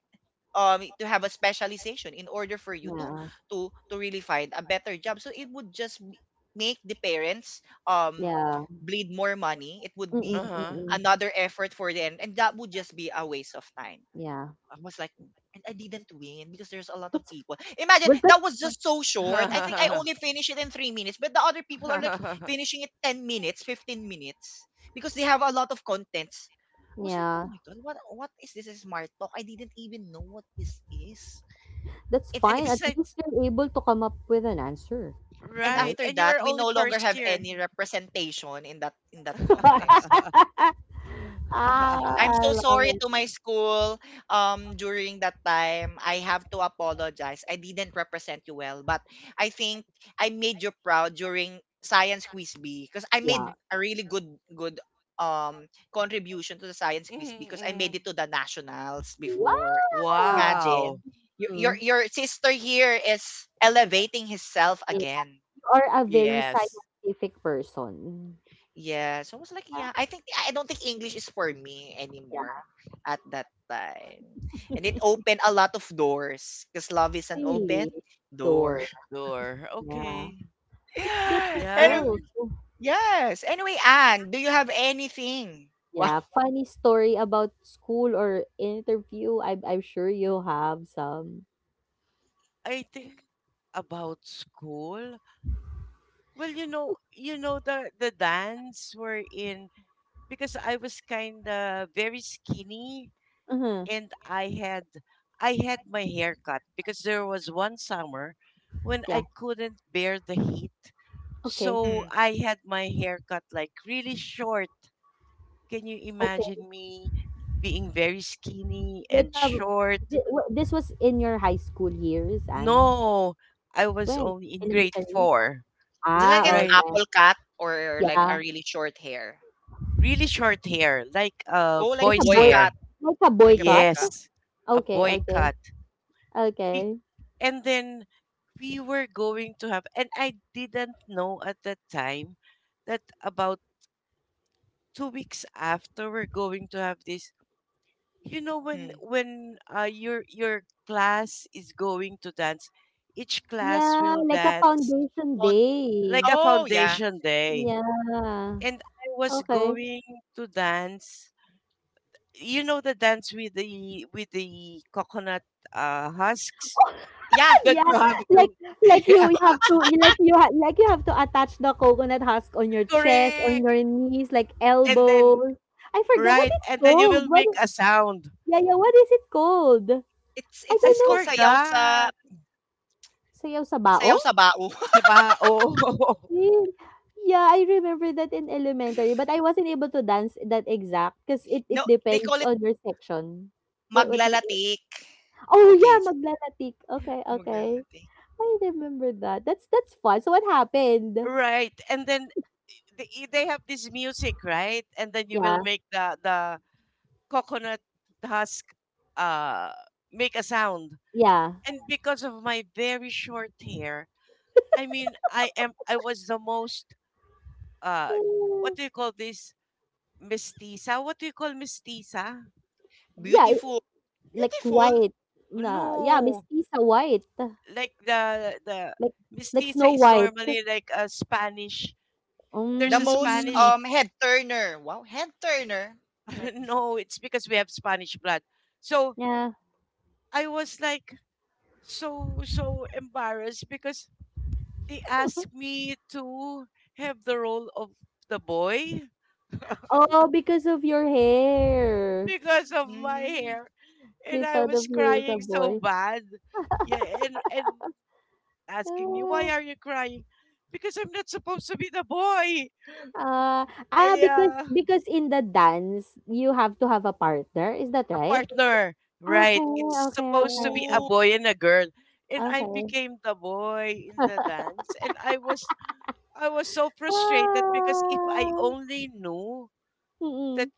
Speaker 1: um to have a specialization in order for you to
Speaker 2: yeah.
Speaker 1: to to really find a better job. So it would just m- make the parents um
Speaker 2: Yeah.
Speaker 1: bleed more money. It would
Speaker 2: Mm,
Speaker 1: be
Speaker 3: Uh-huh.
Speaker 2: mm.
Speaker 1: another effort for them and that would just be a waste of time.
Speaker 2: Yeah.
Speaker 1: I was like, and I didn't win because there's a lot of
Speaker 2: That's
Speaker 1: people. Imagine
Speaker 2: well, that.
Speaker 1: that was just so short. I think I only finished it in three minutes, but the other people are like finishing it ten minutes, fifteen minutes because they have a lot of contents. I was like, oh
Speaker 2: Yeah,
Speaker 1: my god, what what is this smart talk? I didn't even know what this is.
Speaker 2: that's
Speaker 1: It's
Speaker 3: And
Speaker 2: fine. At
Speaker 1: it's
Speaker 2: least
Speaker 3: besides,
Speaker 2: you're able to come up with an answer,
Speaker 1: and
Speaker 2: right?
Speaker 3: right.
Speaker 1: after
Speaker 3: And you were
Speaker 1: that we
Speaker 3: only
Speaker 1: no longer
Speaker 3: first
Speaker 1: have
Speaker 3: year.
Speaker 1: any representation in that in that contest.
Speaker 2: Ah,
Speaker 1: I'm
Speaker 2: I
Speaker 1: so
Speaker 2: love
Speaker 1: sorry
Speaker 2: it.
Speaker 1: to my school um during that time. I have to apologize. I didn't represent you well, but I think I made you proud during Science Quiz B because I
Speaker 2: Yeah.
Speaker 1: made a really good good um contribution to the Science
Speaker 3: Mhm,
Speaker 1: Quiz B because I made it
Speaker 3: mhm.
Speaker 1: to the nationals before.
Speaker 2: Wow!
Speaker 3: Wow.
Speaker 1: Imagine your your
Speaker 2: Mm.
Speaker 1: your sister here is elevating himself
Speaker 2: Yeah.
Speaker 1: again.
Speaker 2: You are a very
Speaker 3: Yes.
Speaker 2: scientific person.
Speaker 1: Yeah, so I was like,
Speaker 2: Yeah.
Speaker 1: yeah, I think yeah, I don't think English is for me anymore
Speaker 2: Yeah.
Speaker 1: at that time. And it opened a lot of doors because love is an open
Speaker 2: Really.
Speaker 1: door.
Speaker 2: Door.
Speaker 3: Sure.
Speaker 2: Yeah,
Speaker 3: Okay.
Speaker 2: it's
Speaker 1: And
Speaker 3: Yeah.
Speaker 1: um,
Speaker 2: difficult.
Speaker 1: yes. Anyway, Anne, do you have anything? Wow.
Speaker 2: Yeah, funny story about school or interview. I'm I'm sure you have some.
Speaker 3: I think about school. Well, you know, you know the the dance we're in because I was kind of very skinny
Speaker 2: Uh-huh.
Speaker 3: and I had I had my hair cut because there was one summer when
Speaker 2: Yeah.
Speaker 3: I couldn't bear the heat.
Speaker 2: Okay.
Speaker 3: So
Speaker 1: Mm.
Speaker 3: I had my hair cut like really short. Can you
Speaker 2: Okay.
Speaker 3: imagine me being very skinny and
Speaker 2: Like um,
Speaker 3: short?
Speaker 2: thi- wh- this was in your high school years and
Speaker 3: No, I was
Speaker 2: when
Speaker 3: only in grade
Speaker 2: elementary.
Speaker 3: four,
Speaker 1: Is it like an
Speaker 2: Ah,
Speaker 3: right?
Speaker 2: okay.
Speaker 1: apple cut or like a
Speaker 2: Yeah,
Speaker 1: really short hair?
Speaker 3: Really short hair, like a
Speaker 1: Oh, like
Speaker 2: like a
Speaker 3: boy's
Speaker 1: boy
Speaker 2: boy,
Speaker 3: hair.
Speaker 1: cut,
Speaker 2: like a
Speaker 1: like a boy
Speaker 2: boycott.
Speaker 1: cut.
Speaker 3: Yes, a
Speaker 2: Okay.
Speaker 3: boy
Speaker 2: Okay.
Speaker 3: cut. Be-
Speaker 2: Okay.
Speaker 3: And then we were going to have, and I didn't know at that time that about two weeks after we're going to have this, you know, when
Speaker 1: Mm.
Speaker 3: when uh, your your class is going to dance, each class
Speaker 2: Yeah,
Speaker 3: will
Speaker 2: like a
Speaker 3: dance,
Speaker 2: foundation
Speaker 1: Pon-
Speaker 3: like
Speaker 2: day.
Speaker 3: a
Speaker 1: Oh, yeah.
Speaker 3: foundation day.
Speaker 2: Yeah.
Speaker 3: And I was
Speaker 2: Okay.
Speaker 3: going to dance, you know, the dance with the with the coconut uh, husks
Speaker 1: Yeah,
Speaker 3: that
Speaker 2: Yeah,
Speaker 3: you have
Speaker 2: like
Speaker 3: to.
Speaker 2: like
Speaker 3: Yeah,
Speaker 2: you have to you like you ha- like you have to attach the coconut husk on your chest, on
Speaker 3: correct.
Speaker 2: your knees, like
Speaker 3: And then
Speaker 2: elbows. I forgot what
Speaker 3: right,
Speaker 2: it's
Speaker 3: and then you
Speaker 2: called.
Speaker 3: will
Speaker 2: What
Speaker 3: make
Speaker 2: i-
Speaker 3: a sound.
Speaker 2: yeah, yeah, what is it called?
Speaker 1: it's
Speaker 2: I
Speaker 1: it's
Speaker 3: I
Speaker 2: don't
Speaker 1: it's called
Speaker 2: know.
Speaker 1: sayaw sa
Speaker 3: forgot.
Speaker 2: Sayaw sa bao?
Speaker 1: sayaw sa bao.
Speaker 3: Saba, oh.
Speaker 2: Yun. Yeah, I remember that in elementary, but I wasn't able to dance that exact because it it
Speaker 1: No, they
Speaker 2: depends
Speaker 1: call it
Speaker 2: on your section. What what is it?
Speaker 1: Maglalatik.
Speaker 2: Oh
Speaker 1: Okay,
Speaker 2: yeah,
Speaker 1: s-
Speaker 2: maglalatik. Okay, okay.
Speaker 1: maglalatik.
Speaker 2: I remember that. That's that's fun. So what happened?
Speaker 3: Right, and then they they have this music, right? And then you will
Speaker 2: Yeah,
Speaker 3: make the the coconut husk uh make a sound.
Speaker 2: yeah.
Speaker 3: And because of my very short hair, I mean, I am I was the most uh what
Speaker 2: Uh,
Speaker 3: do you call this, mestiza? What do you call mestiza?
Speaker 2: yeah, it-
Speaker 1: Beautiful,
Speaker 2: like
Speaker 1: beautiful.
Speaker 2: white. Nah, yeah,
Speaker 3: No,
Speaker 2: mestiza white.
Speaker 3: like the the
Speaker 2: Like like
Speaker 3: mestiza
Speaker 2: Snow
Speaker 3: is
Speaker 2: White.
Speaker 3: normally like a Spanish. There's
Speaker 1: The
Speaker 3: a
Speaker 1: most,
Speaker 2: Mm,
Speaker 3: Spanish.
Speaker 1: um, head turner. Wow, head turner. Might
Speaker 3: No, it's because we have Spanish blood. So
Speaker 2: yeah.
Speaker 3: I was like so so embarrassed because they asked me to have the role of the boy.
Speaker 2: Oh, because of your hair.
Speaker 3: Because of my
Speaker 1: mm,
Speaker 3: hair and
Speaker 2: They
Speaker 3: I
Speaker 2: thought
Speaker 3: was
Speaker 2: of you as a
Speaker 3: crying so
Speaker 2: boy.
Speaker 3: bad. Yeah, and and our principal was asking me, "Why
Speaker 2: Ah,
Speaker 3: are you crying?" Because I'm not supposed to be the boy.
Speaker 2: ah, ah, because
Speaker 3: Yeah,
Speaker 2: because in the dance you have to have a partner. Is that
Speaker 3: a
Speaker 2: right?
Speaker 3: partner, right?
Speaker 2: Okay,
Speaker 3: It's
Speaker 2: okay,
Speaker 3: supposed
Speaker 2: okay,
Speaker 3: to be a
Speaker 2: okay.
Speaker 1: Oh,
Speaker 3: boy and a girl. And I
Speaker 2: Okay.
Speaker 3: became the boy in the dance, and I was I was so frustrated because if I
Speaker 2: Ah,
Speaker 3: only knew that
Speaker 2: mm-mm.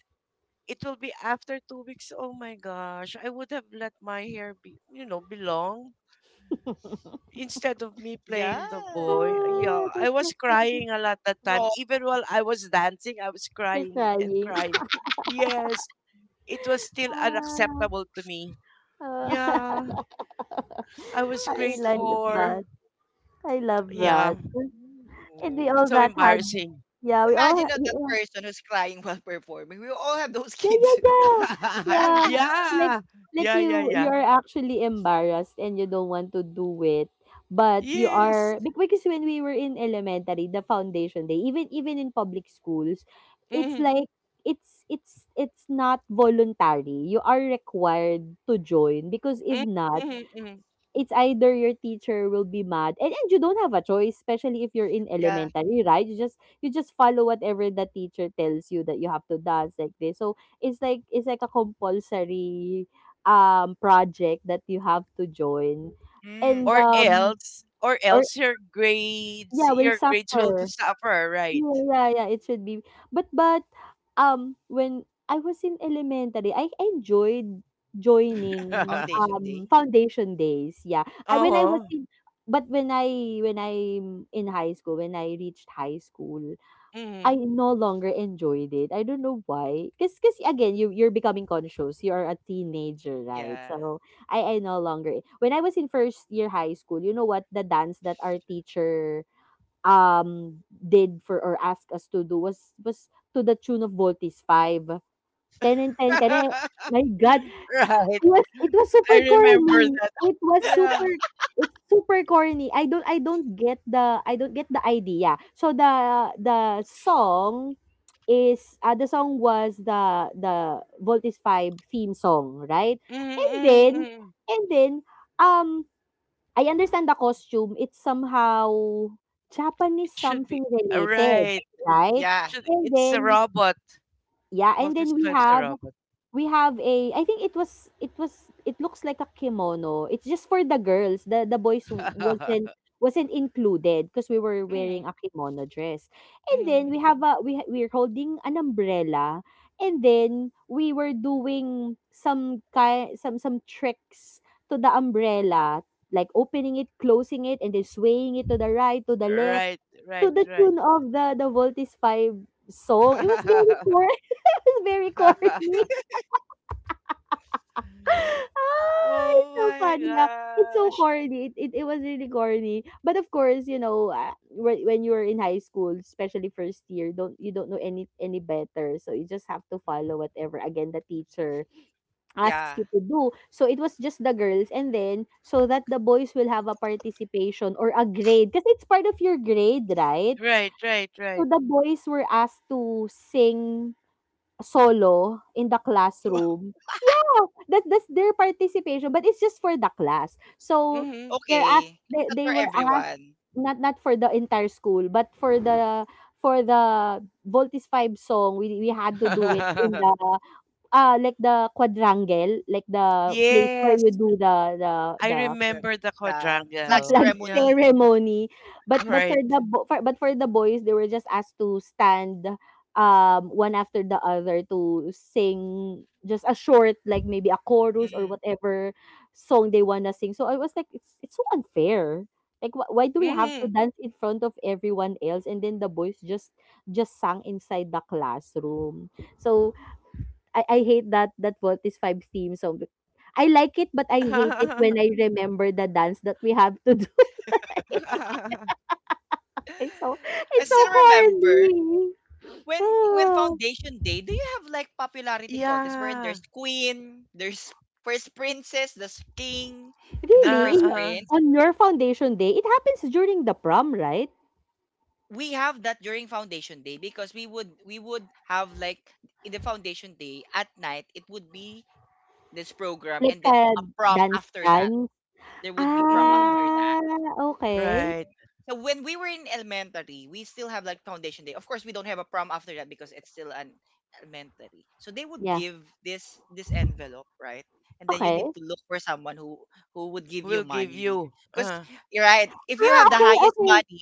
Speaker 3: it will be after two weeks, oh my gosh, I would have let my hair be, you know, belong instead of me
Speaker 1: yeah.
Speaker 3: playing the boy.
Speaker 2: Ah,
Speaker 3: Yeah, I
Speaker 2: that's so
Speaker 3: was
Speaker 2: funny.
Speaker 3: crying a lot that time.
Speaker 1: Strong.
Speaker 3: Even while I was dancing, I was
Speaker 2: You're
Speaker 3: crying and
Speaker 2: crying.
Speaker 3: crying. Yes, it was still unacceptable to me.
Speaker 2: Ah, ah.
Speaker 3: Yeah, I
Speaker 1: That
Speaker 3: was
Speaker 1: was
Speaker 2: I
Speaker 3: grade
Speaker 2: like
Speaker 1: something.
Speaker 2: that.
Speaker 3: four.
Speaker 2: I love
Speaker 1: Oh.
Speaker 3: Yeah,
Speaker 2: that. And we
Speaker 3: it's
Speaker 2: all
Speaker 3: so
Speaker 2: that had,
Speaker 3: embarrassing.
Speaker 2: yeah, we all,
Speaker 1: Imagine that,
Speaker 2: we
Speaker 1: that
Speaker 2: all
Speaker 1: person who's crying while performing. We all have those
Speaker 2: yeah, yeah,
Speaker 1: kids, right?
Speaker 2: yeah, yeah. Like,
Speaker 3: Yeah,
Speaker 2: like
Speaker 3: yeah, yeah,
Speaker 2: you,
Speaker 3: yeah.
Speaker 2: you are actually embarrassed and you don't want to do it, but you
Speaker 3: Yes.
Speaker 2: are bec- because when we were in elementary, the foundation day, even even in public schools, it's
Speaker 3: Mhm,
Speaker 2: like it's it's it's not voluntary. You are required to join because if
Speaker 3: mhm,
Speaker 2: not,
Speaker 3: mhm, mhm.
Speaker 2: it's either your teacher will be mad and, and you don't have a choice, especially if you're in
Speaker 1: Yeah.
Speaker 2: elementary. Right, you just you just follow whatever the teacher tells you that you have to dance like this. So it's like it's like a compulsory um project that you have to join.
Speaker 1: Mm.
Speaker 2: And
Speaker 3: Or
Speaker 2: um
Speaker 3: else, or
Speaker 2: or
Speaker 3: else your grades,
Speaker 2: yeah, will
Speaker 3: your grades will p-
Speaker 2: suffer,
Speaker 3: suffer, right?
Speaker 2: yeah, yeah, yeah, it should be. But but um when I was in elementary, I enjoyed joining
Speaker 1: Foundation
Speaker 2: um
Speaker 1: Day.
Speaker 2: foundation days. Yeah. I when I was
Speaker 3: Oh,
Speaker 2: in but when I when I'm in high school, when I reached high school, I
Speaker 3: mhm.
Speaker 2: no longer enjoyed it. I don't know why. Cause, cause again, you you're becoming conscious. You are a teenager, right?
Speaker 1: Yeah.
Speaker 2: So I I no longer— when I was in first year high school, you know what the dance that our teacher um, did for, or asked us to do, was was to the tune of Voltis five. Ten and ten, ten and- my God,
Speaker 3: Right.
Speaker 2: it was it was
Speaker 3: I
Speaker 2: super
Speaker 3: remember
Speaker 2: corny.
Speaker 3: that.
Speaker 2: It was
Speaker 3: Yeah.
Speaker 2: super it's super corny. I don't I don't get the I don't get the idea. So the the song is, uh, the song was the the Voltis five theme song, right?
Speaker 3: Mhm,
Speaker 2: And then
Speaker 3: mhm, mhm.
Speaker 2: and then um I understand the costume. It's somehow Japanese,
Speaker 3: It should be
Speaker 2: something
Speaker 3: uh,
Speaker 2: related,
Speaker 3: right.
Speaker 2: right?
Speaker 1: Yeah.
Speaker 3: Should
Speaker 2: And
Speaker 3: it's a
Speaker 2: then,
Speaker 3: robot.
Speaker 2: yeah, and
Speaker 3: Walter
Speaker 2: then we
Speaker 3: Webb is a
Speaker 2: have
Speaker 3: robot.
Speaker 2: we have a— I think it was it was it looks like a kimono. It's just for the girls. The the boys w- wasn't wasn't included because we were wearing
Speaker 3: Mhm,
Speaker 2: a kimono dress. And then we
Speaker 3: mhm.
Speaker 2: have a— we ha- we're holding an umbrella, and then we were doing some ki- some some tricks to the umbrella, like opening it, closing it, and then swaying it to the right, to the left,
Speaker 3: Right,
Speaker 2: to
Speaker 3: right,
Speaker 2: the tune
Speaker 3: right.
Speaker 2: of the the Voltis five song. It was very corny. It was very corny. Ah, it's
Speaker 3: Oh
Speaker 2: so
Speaker 3: my
Speaker 2: funny, yeah. It's so
Speaker 3: gosh.
Speaker 2: corny. It, it it was really corny. But of course, you know, uh, whe- when you were in high school, especially first year, don't you don't know any any better. So you just have to follow whatever, again, the teacher asks
Speaker 1: Yeah.
Speaker 2: you to do. So it was just the girls, and then so that the boys will have a participation or a grade, because it's part of your grade, right?
Speaker 3: Right, right,
Speaker 2: So
Speaker 3: right.
Speaker 2: the boys were asked to sing solo in the classroom. Oh, that's that's their participation, but it's just for the class. So
Speaker 3: Hmm.
Speaker 2: they're asked
Speaker 1: Okay. It's
Speaker 2: they,
Speaker 1: not
Speaker 2: they
Speaker 1: for
Speaker 2: were asked,
Speaker 1: everyone.
Speaker 2: not not for the entire school, but for the— for the Voltis five song, we we had to do it in the, uh like the quadrangle, like the place where
Speaker 3: Yes,
Speaker 2: you do the the
Speaker 3: I
Speaker 2: the
Speaker 1: the,
Speaker 3: remember the
Speaker 1: the
Speaker 2: the
Speaker 1: flag
Speaker 3: quadrangle.
Speaker 2: flag
Speaker 3: Yeah,
Speaker 1: ceremony.
Speaker 2: ceremony. But but for the
Speaker 3: right.
Speaker 2: bo- for, but for the boys, they were just asked to stand, um one after the other, to sing just a short, like maybe a chorus or
Speaker 1: Mhm.
Speaker 2: whatever song they wanna sing. So I was like, it's it's so unfair. Like, wh- why do we have to
Speaker 3: Hmm.
Speaker 2: dance in front of everyone else, and then the boys just just sang inside the classroom. So I, I hate that that Volt is five theme song. I like it, but I hate it when I remember the dance that we have to do. It's so
Speaker 1: I
Speaker 2: it's so
Speaker 1: still remember
Speaker 2: corny.
Speaker 1: when when
Speaker 2: Ah,
Speaker 1: Foundation Day, do you have like popularity contests wherein
Speaker 3: Yeah.
Speaker 1: there's queen, there's first princess, there's king, and then
Speaker 2: really?
Speaker 1: first
Speaker 2: In your,
Speaker 3: Uh-uh.
Speaker 1: prince?
Speaker 2: on your foundation day, it happens during the prom, right?
Speaker 1: We have that during Foundation Day because we would we would have like in the Foundation Day at night it would be this program and
Speaker 2: Like
Speaker 1: then
Speaker 2: a
Speaker 1: a prom
Speaker 2: dance
Speaker 1: after that.
Speaker 2: dance.
Speaker 1: There would be prom
Speaker 3: Hmm.
Speaker 1: after
Speaker 2: Ah,
Speaker 1: that.
Speaker 2: okay.
Speaker 1: So
Speaker 3: Right.
Speaker 1: So when we were in elementary, we still have like foundation day. Of course, we don't have a prom after that because it's still an elementary. So they would
Speaker 2: Yeah.
Speaker 1: give this this envelope, right? And then you
Speaker 2: Okay.
Speaker 1: need to look for someone who who would give you
Speaker 3: We'll give
Speaker 1: money.
Speaker 3: you.
Speaker 1: Because
Speaker 3: Uh,
Speaker 1: you're right, if you
Speaker 2: Ah,
Speaker 1: have the
Speaker 2: okay,
Speaker 1: highest
Speaker 2: okay.
Speaker 1: money,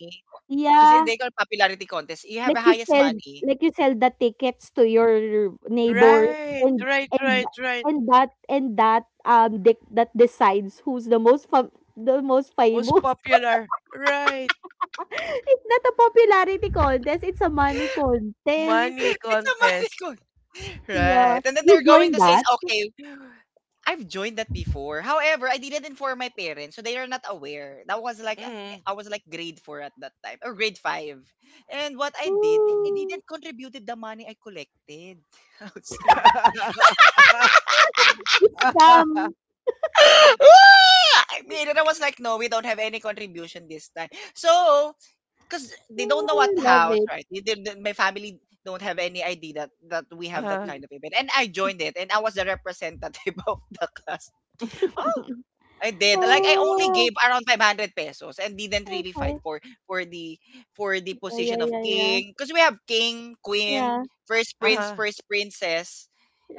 Speaker 1: because
Speaker 2: Yeah.
Speaker 1: they call popularity contest, you have the
Speaker 2: Like you
Speaker 1: highest
Speaker 2: sell
Speaker 1: money.
Speaker 2: like you sell the tickets to your neighbors,
Speaker 3: Right,
Speaker 2: and
Speaker 3: right,
Speaker 1: Yeah,
Speaker 2: and
Speaker 3: right, right.
Speaker 2: and that and that um de- that decides who's the most fam- the most
Speaker 3: Most
Speaker 2: famous.
Speaker 3: popular. Right.
Speaker 2: It's not a popularity contest, it's a money contest.
Speaker 3: Money
Speaker 1: it's a
Speaker 3: contest.
Speaker 1: manigon.
Speaker 2: Yeah.
Speaker 1: Right. And then
Speaker 2: You
Speaker 1: they're going
Speaker 2: join
Speaker 1: to say,
Speaker 2: that?
Speaker 1: okay, I've joined that before. However, I didn't inform my parents, so they are not aware. That was like
Speaker 3: Hmm.
Speaker 1: I was like grade four at that time or grade five. And what I did, I
Speaker 2: Hmm,
Speaker 1: didn't contributed the money I collected outside.
Speaker 2: it's
Speaker 3: Uh-huh,
Speaker 2: scam.
Speaker 1: Ah! I mean, and I was like, no, we don't have any contribution this time. So 'cause they don't know what
Speaker 2: Mm, love
Speaker 1: house,
Speaker 2: it.
Speaker 1: right? They did the My family don't have any idea that that we have that
Speaker 3: uh-huh,
Speaker 1: kind of event, and I joined it, and I was the representative of the class. Oh, I did. Like, I only
Speaker 2: Ah,
Speaker 1: gave around five hundred pesos and didn't really fight
Speaker 2: okay.
Speaker 1: for for the for the
Speaker 2: Oh, yeah,
Speaker 1: position of
Speaker 2: yeah, yeah.
Speaker 1: king. Cause we have king, queen,
Speaker 2: Yeah.
Speaker 1: first prince, first princess,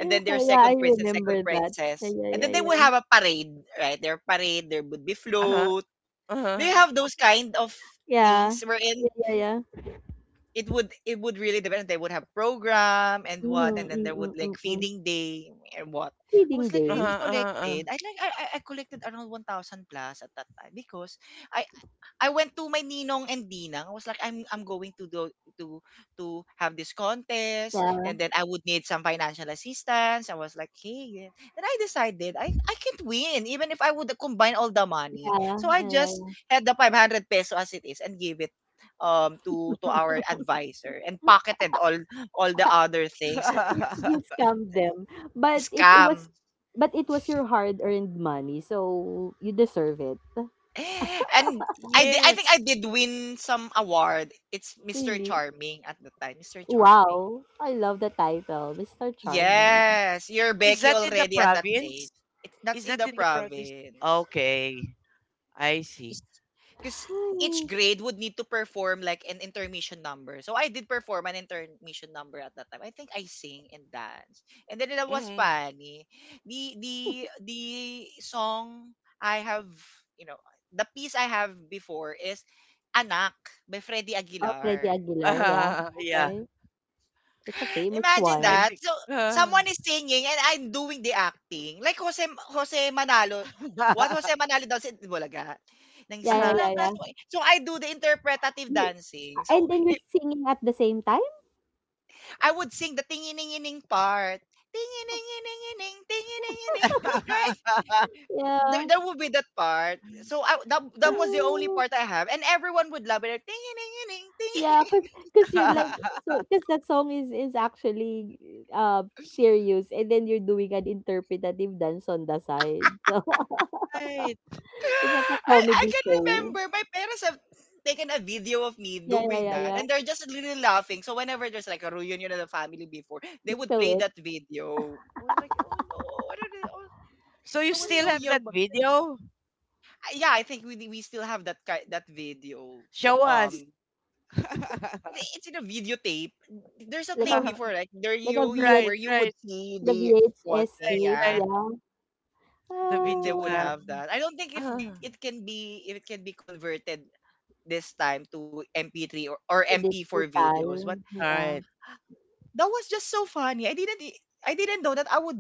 Speaker 1: and then their
Speaker 2: yeah, I
Speaker 1: second prince and second
Speaker 2: remember that. Yeah,
Speaker 1: princess.
Speaker 2: yeah,
Speaker 1: And then they
Speaker 2: yeah,
Speaker 1: will
Speaker 2: yeah.
Speaker 1: have a parade, right? Their parade, there would be
Speaker 3: uh-huh,
Speaker 1: float. Do
Speaker 3: Uh-huh.
Speaker 1: you have those kind of
Speaker 2: Yeah.
Speaker 1: things wherein
Speaker 2: Yeah, yeah, yeah.
Speaker 1: it would it would really depend. They would have program and what, and
Speaker 2: Mm-hmm,
Speaker 1: then
Speaker 2: mm
Speaker 1: there
Speaker 2: hmm,
Speaker 1: would like
Speaker 2: mm-mm.
Speaker 1: feeding day and what. I
Speaker 2: Feeding
Speaker 1: was like
Speaker 3: Uh-huh,
Speaker 1: really
Speaker 2: day.
Speaker 3: uh-huh,
Speaker 1: collected. I like I I I collected around one thousand plus at that time because I I went to my ninong and dinang. I was like, I'm I'm going to do to to have this contest,
Speaker 2: Yeah,
Speaker 1: and then I would need some financial assistance. I was like, hey, yeah. Then I decided I I can't win even if I would combine all the money.
Speaker 2: yeah,
Speaker 1: So I
Speaker 2: yeah, yeah,
Speaker 1: just
Speaker 2: yeah.
Speaker 1: had the five hundred peso as it is and gave it um to to our advisor and pocketed all all the other things and
Speaker 2: You,
Speaker 1: mga
Speaker 3: uh.
Speaker 2: s- you scammed them. But it, it
Speaker 1: scam.
Speaker 2: was but it was your hard-earned money, so you deserve it.
Speaker 1: And I di- I think I
Speaker 3: Yes.
Speaker 1: did win some award. It's Mister
Speaker 2: Really?
Speaker 1: Charming at the time. Mister Charming.
Speaker 2: Wow! I love the title, mister Charming.
Speaker 1: Yes, you're
Speaker 3: Is
Speaker 1: Becky
Speaker 3: that in the
Speaker 1: already at that
Speaker 3: province?
Speaker 1: age. It, that's
Speaker 3: Is
Speaker 1: in
Speaker 3: that
Speaker 1: the
Speaker 3: in the province?
Speaker 1: province. Yeah.
Speaker 3: Okay. I see.
Speaker 1: Because each
Speaker 2: Nice.
Speaker 1: grade would need to perform like an intermission number. So I did perform an intermission number at that time. I think I sing and dance. And then that was
Speaker 3: Mm-hmm.
Speaker 1: funny. The the the song I have, you know, the piece I have before is Anak by Freddie
Speaker 2: Oh, Freddy
Speaker 1: Aguilar.
Speaker 2: Aguilar, yeah.
Speaker 3: Uh, yeah.
Speaker 2: Okay. That's a famous
Speaker 1: Imagine
Speaker 3: I
Speaker 2: one.
Speaker 1: that.
Speaker 3: think.
Speaker 1: So,
Speaker 3: Uh,
Speaker 1: someone is singing and I'm doing the acting. Like Jose Jose Manalo. What Jose Manalo does in Bulaga. Nang
Speaker 2: Yeah, yeah,
Speaker 3: uh,
Speaker 1: sinilang
Speaker 2: yeah,
Speaker 1: ka.
Speaker 2: yeah.
Speaker 1: So, so I do the interpretative
Speaker 2: You,
Speaker 1: dancing. So,
Speaker 2: and then you're
Speaker 1: it,
Speaker 2: singing at the same time?
Speaker 1: I would sing the tingining-ining part. Tingining-ining-ining, tingining-ining. Right? There,
Speaker 2: Yeah.
Speaker 1: there would be that part. So, I, that, that was the only
Speaker 2: Uh,
Speaker 1: part I have. And everyone would love it. Tingining-ining,
Speaker 2: Yeah.
Speaker 1: ting.
Speaker 2: Cause, cause you're like so cause that song is is actually, uh serious, and then you're doing an interpretative dance on the side. So
Speaker 3: right.
Speaker 2: it's like a
Speaker 1: I, I
Speaker 2: comedy
Speaker 1: can
Speaker 2: show.
Speaker 1: remember my parents have taken a video of me
Speaker 2: Yeah, yeah,
Speaker 1: doing
Speaker 2: yeah,
Speaker 1: that
Speaker 2: yeah.
Speaker 1: and they're just really laughing. So whenever there's like a reunion of the family before, they
Speaker 2: They
Speaker 1: would
Speaker 2: show
Speaker 1: play
Speaker 2: it
Speaker 1: that video. I was like, oh no, what did I, oh,
Speaker 3: So you
Speaker 1: I was
Speaker 3: still
Speaker 1: so
Speaker 3: have that
Speaker 1: young. But
Speaker 3: video?
Speaker 1: yeah, I think we we still have that ki- that video.
Speaker 3: Show us.
Speaker 1: Um, it- it's in a videotape. There's a
Speaker 2: like a,
Speaker 1: tape before like there
Speaker 2: like a
Speaker 1: you
Speaker 3: Right,
Speaker 2: V H.
Speaker 3: right,
Speaker 1: where you
Speaker 3: right,
Speaker 1: would see
Speaker 2: The
Speaker 1: the one
Speaker 2: V H S
Speaker 1: thing,
Speaker 2: tape,
Speaker 3: right.
Speaker 1: yeah.
Speaker 2: yeah.
Speaker 3: The
Speaker 1: Th-
Speaker 3: video
Speaker 1: They would
Speaker 2: Ah,
Speaker 1: have
Speaker 3: cam.
Speaker 1: that. I don't think if it,
Speaker 3: Ah,
Speaker 1: it can be if it can be converted this time to M P three or, or
Speaker 2: the
Speaker 1: M P four
Speaker 2: digital,
Speaker 1: videos. But
Speaker 3: all right.
Speaker 2: yeah.
Speaker 1: that was just so funny. I didn't i- I didn't know that I would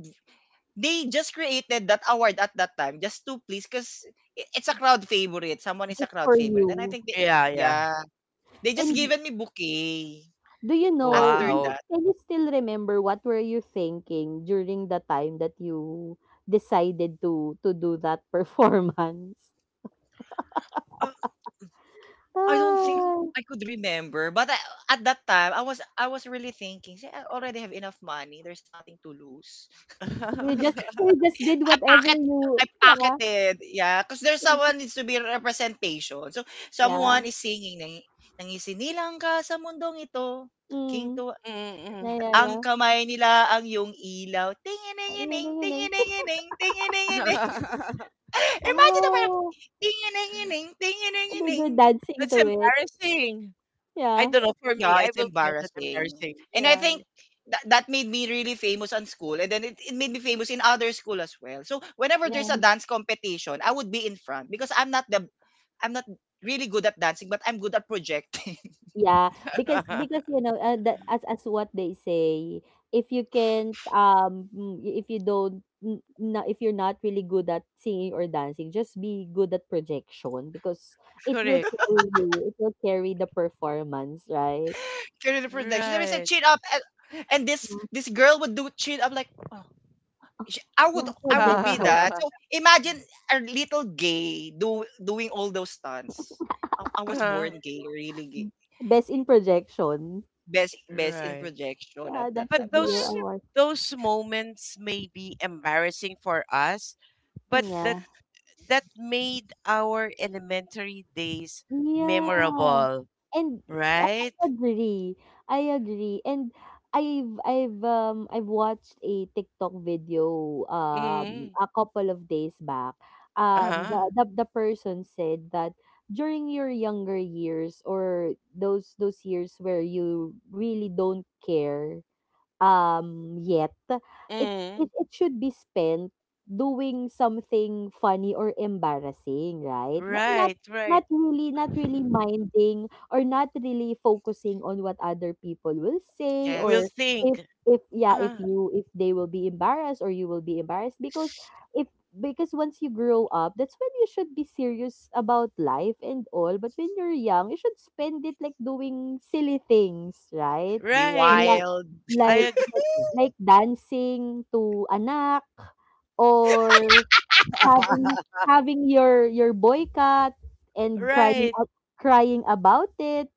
Speaker 1: they just created that award at that time just to please because it's a crowd favorite. Someone is a
Speaker 2: Just
Speaker 1: crowd
Speaker 2: for
Speaker 1: favorite. And I
Speaker 2: you.
Speaker 1: think they
Speaker 3: Yeah, yeah.
Speaker 1: yeah. They just
Speaker 2: And
Speaker 1: given me bouquet
Speaker 2: do you know,
Speaker 1: after
Speaker 2: do
Speaker 3: Wow.
Speaker 2: you-
Speaker 1: that.
Speaker 2: can you still remember what were you thinking during the time that you decided to to do that performance?
Speaker 1: Um, I don't think
Speaker 2: Ah,
Speaker 1: I could remember, but I, at that time I was I was really thinking, "See, I already have enough money. There's nothing to lose.
Speaker 2: so you just so you just did
Speaker 1: I
Speaker 2: whatever
Speaker 1: packet
Speaker 2: you,
Speaker 1: I packet
Speaker 2: yeah.
Speaker 1: it, yeah, 'cause there's
Speaker 2: you
Speaker 1: someone
Speaker 2: just-
Speaker 1: needs to be representation. So,
Speaker 2: Yeah.
Speaker 1: someone is singing nang "Nangisilang ka sa mundong ito,
Speaker 2: Mm.
Speaker 1: ginto
Speaker 3: Mm, mm.
Speaker 2: Yeah,
Speaker 1: at
Speaker 2: yeah, yeah.
Speaker 1: ang kamay nila ang yung ilaw, tinginingining,
Speaker 2: Ring-a-ding-a-ding.
Speaker 1: tinginingining, tinginingining." Imagine na parang
Speaker 2: Oh,
Speaker 1: tinginingining,
Speaker 2: and then
Speaker 1: tinginingining.
Speaker 2: you dancing
Speaker 3: That's
Speaker 2: to it.
Speaker 3: embarrassing. I
Speaker 2: Yeah.
Speaker 3: don't know. For me,
Speaker 1: Yeah,
Speaker 3: I
Speaker 1: it's
Speaker 3: will find that
Speaker 1: embarrassing.
Speaker 3: embarrassing.
Speaker 1: And I
Speaker 3: Yeah.
Speaker 1: think that that made me really famous on school and then it, it made me famous in other school as well. So whenever there's a
Speaker 2: Yeah.
Speaker 1: dance competition, I would be in front because I'm not the I'm not really good at dancing, but I'm good at projecting.
Speaker 2: Yeah, because because you know, uh, that as as what they say, if you can't um mm, if you don't n- na, if you're not really good at singing or dancing, just be good at projection, because it will
Speaker 3: Correct.
Speaker 2: carry you. It will carry the performance, right?
Speaker 1: During the projection, there is a
Speaker 3: Right.
Speaker 1: chin up and, and this
Speaker 2: Mm,
Speaker 1: this girl would do chin up like oh, Sh- I would
Speaker 2: yeah,
Speaker 1: I would be
Speaker 2: projection.
Speaker 1: that. So imagine a little gay do, doing all those stunts. I, I was
Speaker 3: Uh,
Speaker 1: born gay, really gay.
Speaker 2: Mm, best in projection.
Speaker 1: Best best in
Speaker 3: right.
Speaker 1: projection
Speaker 2: Yeah,
Speaker 1: at that
Speaker 2: that
Speaker 3: But
Speaker 1: time.
Speaker 2: should be
Speaker 1: Oh,
Speaker 2: your
Speaker 1: I
Speaker 3: those
Speaker 1: don't-
Speaker 2: award.
Speaker 3: those moments may be embarrassing for us, but
Speaker 2: Mm,
Speaker 3: that
Speaker 2: yeah.
Speaker 3: that made our elementary days
Speaker 2: Yeah.
Speaker 3: memorable,
Speaker 2: And I
Speaker 3: right?
Speaker 2: I agree. I agree. And I've I've um I've watched a TikTok video, um
Speaker 3: Mm.
Speaker 2: a couple of days back. Um the
Speaker 3: Uh-huh.
Speaker 2: the, the person said that during your younger years, or those those years where you really don't care, um yet. it's it,
Speaker 3: Mm.
Speaker 2: it should be spent doing something funny or embarrassing, right, not, not
Speaker 3: Right,
Speaker 2: not
Speaker 3: right.
Speaker 2: really, not really minding, or not really focusing on what other people will say,
Speaker 3: We'll
Speaker 2: or
Speaker 1: Yes.
Speaker 2: if
Speaker 3: think.
Speaker 2: if yeah, if
Speaker 3: Uh-huh.
Speaker 2: you, if they will be embarrassed, or you will be embarrassed, because if, because once you grow up, that's when you should be serious about life and all. But when you're young, you should spend it like doing silly things, right,
Speaker 1: Be
Speaker 3: Right.
Speaker 2: like,
Speaker 1: wild.
Speaker 3: I
Speaker 2: like
Speaker 3: agree.
Speaker 2: like like dancing to anak, or having having your your boy cat, and crying
Speaker 3: Right.
Speaker 2: out, crying about it,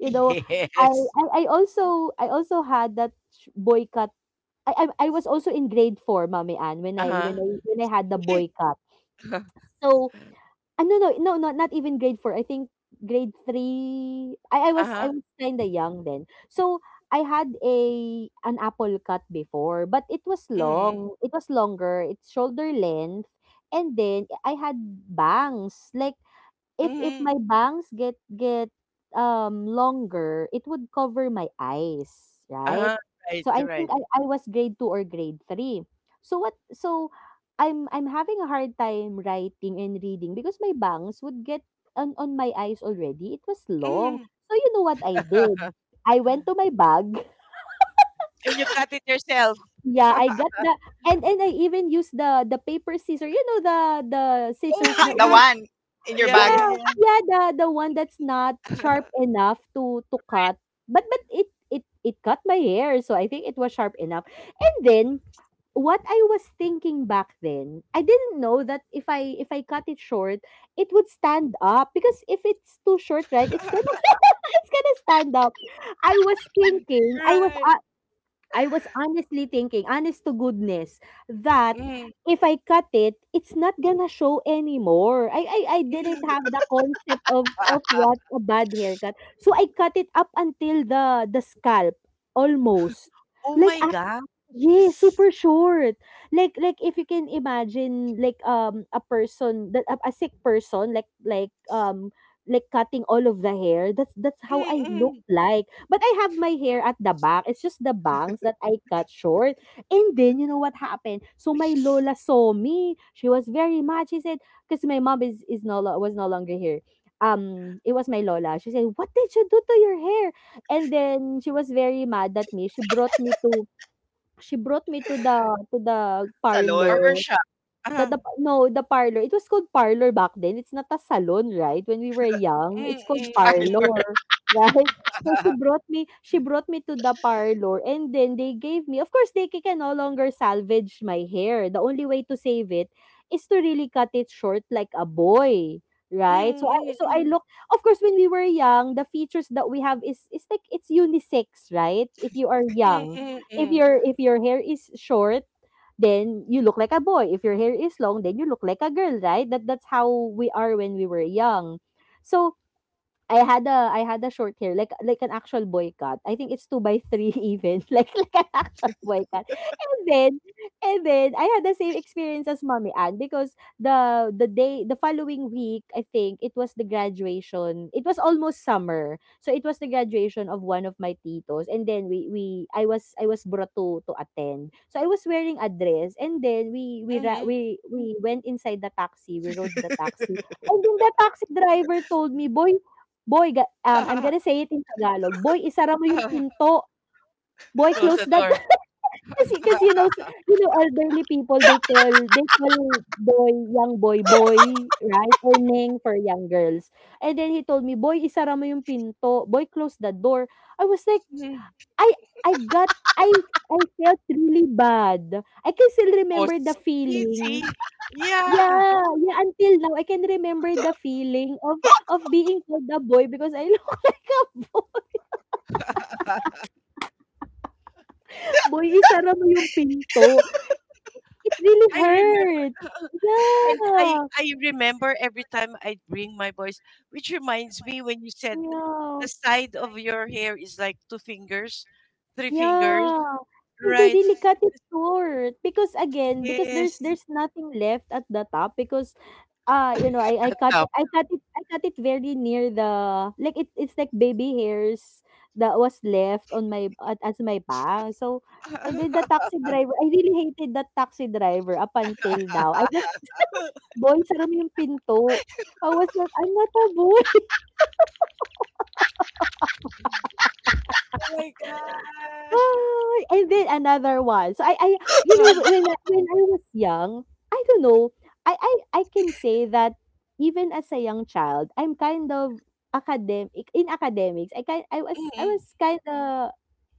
Speaker 2: you know. I
Speaker 3: Yes.
Speaker 2: I I also I also had that sh- boy cat. I I I was also in grade four, Mommy Ann, when I when
Speaker 3: Uh-huh.
Speaker 2: I when I had the
Speaker 3: Yeah.
Speaker 2: boy cat.
Speaker 3: Uh-huh.
Speaker 2: So Ah, no, no, no, no, not even grade four. I think grade three. I, I was I
Speaker 3: Uh-huh.
Speaker 2: was kind of young then, so I had a an apple cut before, but it was
Speaker 3: Mm-hmm.
Speaker 2: long. It was longer. It's shoulder length, and then I had bangs. Like, if if
Speaker 3: Mm-hmm.
Speaker 2: my bangs get get, um, longer, it would cover my eyes, right?
Speaker 3: Uh-huh. Right,
Speaker 2: So I think
Speaker 3: right.
Speaker 2: I I was grade two or grade three. So what, so I'm I'm having a hard time writing and reading, because my bangs would get on on my eyes already. It was long.
Speaker 3: Mm-hmm.
Speaker 2: So you know what I did? I went to my bag.
Speaker 3: And you cut it yourself.
Speaker 2: Yeah, I got the— and and I even used the, the paper scissor. You know, the the
Speaker 3: Oh
Speaker 2: scissors that
Speaker 3: my
Speaker 1: the
Speaker 3: gosh.
Speaker 2: we—
Speaker 1: one in your
Speaker 3: Yeah,
Speaker 1: bag
Speaker 3: yeah,
Speaker 2: yeah,
Speaker 3: yeah.
Speaker 2: yeah, the the one that's not sharp enough to, to cut, but, but it it it cut my hair, so I think it was sharp enough. And then, what I was thinking back then, I didn't know that if I, if I cut it short, it would stand up, because if it's too short, right, it's gonna it's gonna stand up. I was thinking, I
Speaker 3: Right.
Speaker 2: was I was honestly thinking, honest to goodness, that
Speaker 3: Mm-hmm.
Speaker 2: if I cut it, it's not gonna show anymore. I I I didn't
Speaker 3: Mm-hmm.
Speaker 2: have the concept of of what a bad haircut. So I cut it up until the the scalp, almost.
Speaker 3: Oh
Speaker 2: Like,
Speaker 3: my God.
Speaker 2: yeah, super short. Like like if you can imagine, like, um a person that— a, a sick person, like, like um like cutting all of the hair. That's that's how I look
Speaker 3: Mm-hmm.
Speaker 2: like. But I have my hair at the back. It's just the bangs that I cut short. And then you know what happened? So my lola saw me. She was very mad. She said, because my mom is is no lo- was no longer here. Um, it was my lola. She said, "What did you do to your hair?" And then she was very mad at me. She brought me to She brought me to the to the
Speaker 1: salon
Speaker 3: Barber
Speaker 2: parlor.
Speaker 3: shop.
Speaker 2: The
Speaker 3: Uh-huh.
Speaker 2: the no, the parlor. It was called parlor back then. It's not a salon, right? When we were young, it's called
Speaker 3: Mm-hmm. Mm-hmm.
Speaker 1: parlor.
Speaker 2: parlor, right? So she brought me she brought me to the parlor, and then they gave me of course, they can no longer salvage my hair. The only way to save it is to really cut it short like a boy, right? So I so I
Speaker 3: Mm-hmm.
Speaker 2: look— of course, when we were young, the features that we have is is like, it's unisex, right? If you are young. If
Speaker 3: Mm-hmm.
Speaker 2: your if your hair is short, then you look like a boy. If your hair is long, then you look like a girl, right? That that's how we are when we were young. So I had a I had a short hair, like, like an actual boy cut. I think it's two by three even, like, like an actual boy cut. And then, and then I had the same experience as Mommy Ann, because the the day, the following week, I think, it was the graduation. It was almost summer. So it was the graduation of one of my titos, and then we we I was I was brought to to attend. So I was wearing a dress and then we we ra-
Speaker 3: Mm-hmm.
Speaker 2: we we went inside the taxi, we rode the taxi. And then the taxi driver told me, "Boy, Boy, ga um, I'm gonna say it in Tagalog, "Boy, isara mo yung pinto. Boy,
Speaker 3: Close
Speaker 2: close
Speaker 3: the
Speaker 2: that"
Speaker 3: door.
Speaker 2: kasi kasi you know
Speaker 3: Mhm.
Speaker 2: sa you know elderly people, they call they call boy, young boy, boy, right, or "neng" for young girls. And then he told me, "Boy, isara mo yung pinto. Boy, close the door." I was like, I I got I I felt really bad. I can still
Speaker 3: Oh,
Speaker 2: remember the
Speaker 3: see,
Speaker 2: feeling.
Speaker 3: see? Yeah.
Speaker 2: Yeah, yeah, until now, I can remember the feeling of of being called a boy because I look a Boy, isara mo yung pinto. It really
Speaker 3: I remember,
Speaker 2: hurt.
Speaker 3: and I
Speaker 2: Yeah,
Speaker 3: I remember every time I bring my voice, which reminds me when you said
Speaker 2: yeah,
Speaker 3: the side of your hair is like two fingers, three fingers,
Speaker 2: yeah. They they
Speaker 3: right?
Speaker 2: really cut it
Speaker 3: Because
Speaker 2: short because again, because there's
Speaker 3: yes.
Speaker 2: there's nothing left at the top because, ah, you know, I I cut
Speaker 3: Now.
Speaker 2: it I cut it I cut it very near the like it it's like baby hairs that was left on my at as my pang. So, and then the taxi driver I really hated that taxi driver up until now. I just Boy, sara mo yung pinto. I was like, "I'm not a boy."
Speaker 3: Oh my gosh.
Speaker 2: Hi! And then another one. So I, I you know,
Speaker 3: Um,
Speaker 2: wh- when I, when I was young, I don't know. I, I, I can say that even as a young child, I'm kind of academic in academics. I kind I was I
Speaker 3: mm,
Speaker 2: was kind of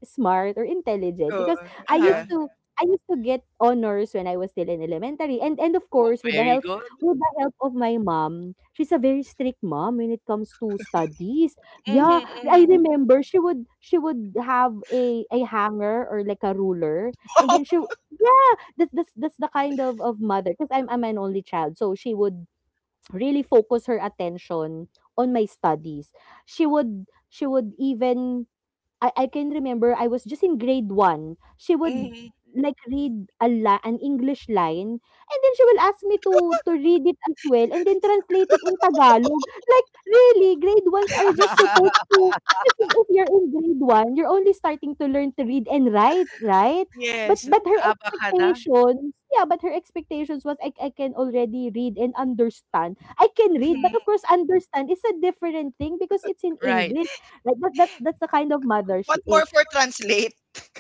Speaker 2: smart or intelligent
Speaker 1: oh,
Speaker 2: because I
Speaker 3: uh,
Speaker 1: yeah.
Speaker 2: used to I used to get honors when I was still in elementary, and and of
Speaker 3: oh,
Speaker 2: course with the
Speaker 3: very
Speaker 2: help
Speaker 3: good.
Speaker 2: with the help of my mom. She's a very strict mom when it comes to studies. Yeah, I
Speaker 3: Mm-hmm,
Speaker 2: remember she would she would have a a hanger or like a ruler, and
Speaker 1: Oh,
Speaker 2: then she yeah, that's that's that's the kind of of mother because I'm I'm an only child, so she would really focus her attention on my studies. She would she would even I I can remember I was just in grade one. She would,
Speaker 3: mm-hmm.
Speaker 2: like, read a la an English line, and then she will ask me to to read it as well and then translate it in Tagalog. Like, really, grade ones are just supposed to kasi if you're in grade one, you're only starting to learn to read and write, right? But
Speaker 3: Yes,
Speaker 2: but her
Speaker 3: abacada.
Speaker 2: expectations yeah, but her expectations was I I can already read and understand. I can read,
Speaker 3: Mhm.
Speaker 2: but of course, understand is a different thing because it's in
Speaker 3: Right.
Speaker 2: English. Like that, that's that's the kind of mother
Speaker 1: what
Speaker 2: she is.
Speaker 1: more for translate?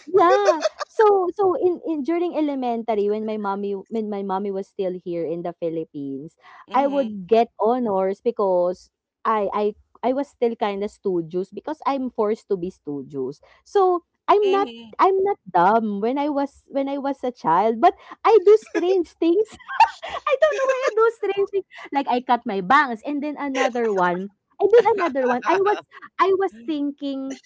Speaker 2: Yeah. So so in, in during elementary when my mommy when my mommy was still here in the Philippines, I
Speaker 3: Mhm.
Speaker 2: would get honors because I I I was still kind of studious because I'm forced to be studious. So I'm not
Speaker 3: Mhm.
Speaker 2: I'm not dumb when I was when I was a child, but I do strange things. I don't know why I do strange things. Like I cut my bangs and then another one. And then another one. I was I was thinking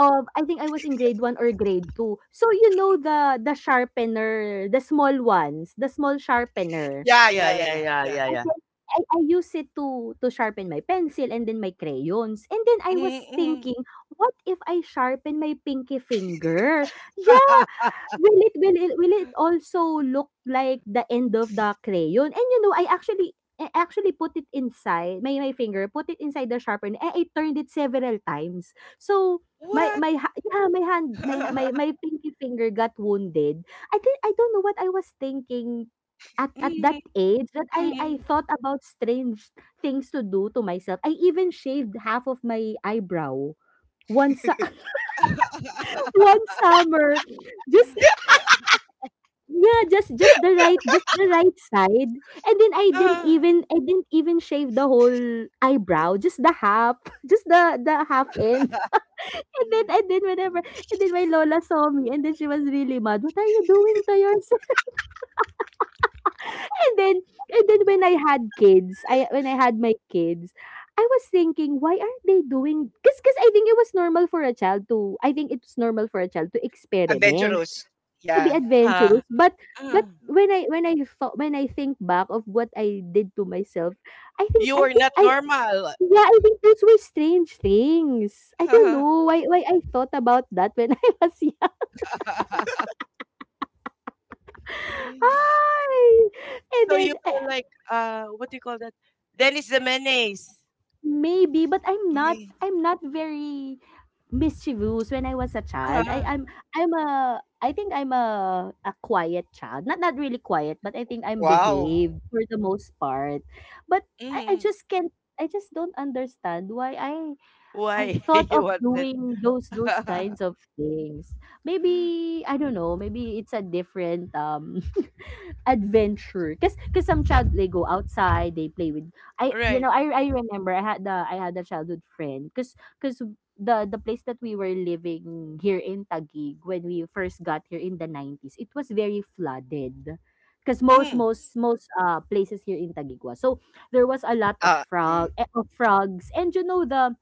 Speaker 2: of I think I was in grade one or grade two. So, you know the the sharpener, the small ones, the small sharpener.
Speaker 1: Yeah,
Speaker 3: Yeah,
Speaker 1: yeah, yeah,
Speaker 3: yeah,
Speaker 1: yeah,
Speaker 3: yeah,
Speaker 1: yeah.
Speaker 3: yeah,
Speaker 2: And
Speaker 3: yeah.
Speaker 2: then I I use it to to sharpen my pencil and then my crayons. And then I
Speaker 3: Mhm,
Speaker 2: was
Speaker 3: mhm.
Speaker 2: thinking, what if I sharpen my pinky finger? Yeah, will it will it, will it also look like the end of the crayon? And you know, I actually I actually put it inside my my finger, put it inside the sharpener, and I turned it several times. So my
Speaker 3: What?
Speaker 2: my ha- yeah, my hand my my my pinky finger got wounded. I did, I don't know what I was thinking At
Speaker 3: Mhm,
Speaker 2: at that age that I I
Speaker 3: mhm.
Speaker 2: thought about strange things to do to myself. I even shaved half of my eyebrow one su one summer. Just yeah, just just the right just the right side. And then I didn't
Speaker 3: Ah.
Speaker 2: even I didn't even shave the whole eyebrow, just the half, just the the half end. And then and then whenever and then my lola saw me and then she was really mad, "What are you doing to your And then and then when I had kids, I when I had my kids, I was thinking, why aren't they doing cause, cause I think it was normal for a child to I think it's normal for a child to experiment,
Speaker 1: Adventurous.
Speaker 2: to be
Speaker 1: Yeah.
Speaker 3: Ah,
Speaker 2: adventurous. But
Speaker 3: ah.
Speaker 2: but when I when I thought when I think back of what I did to myself, I think
Speaker 3: You
Speaker 2: I
Speaker 3: are
Speaker 2: think
Speaker 3: not
Speaker 2: I
Speaker 3: normal.
Speaker 2: yeah, I think those were strange things. I don't know why why I thought about that when I was young. Hi! And
Speaker 3: So you
Speaker 2: then
Speaker 3: were
Speaker 2: I-
Speaker 3: like, uh, what do you call that? Dennis the Menace.
Speaker 2: maybe, but I'm not
Speaker 1: Okay.
Speaker 2: I'm not very mischievous when I was a child. I
Speaker 3: Ah,
Speaker 2: I'm I'm a I think I'm a a quiet child. Not not really quiet, but I think I'm
Speaker 1: Wow.
Speaker 2: behaved Wow. for the most part. But I, I
Speaker 3: mhm.
Speaker 2: just can't I just don't understand why I I
Speaker 3: Why
Speaker 2: thought
Speaker 3: you
Speaker 2: of
Speaker 3: wanted?
Speaker 2: doing those those kinds of things. Maybe I don't know, maybe it's a different um adventure because because some child they go outside they play with i you know
Speaker 3: Right.
Speaker 2: i i remember i had the I had a childhood friend because because the the place that we were living here in Taguig when we first got here in the nineties it was very flooded because most
Speaker 3: Mm,
Speaker 2: most most uh places here in Taguig was so there was a lot of
Speaker 1: Uh, mm.
Speaker 2: frog eh, of frogs and you know the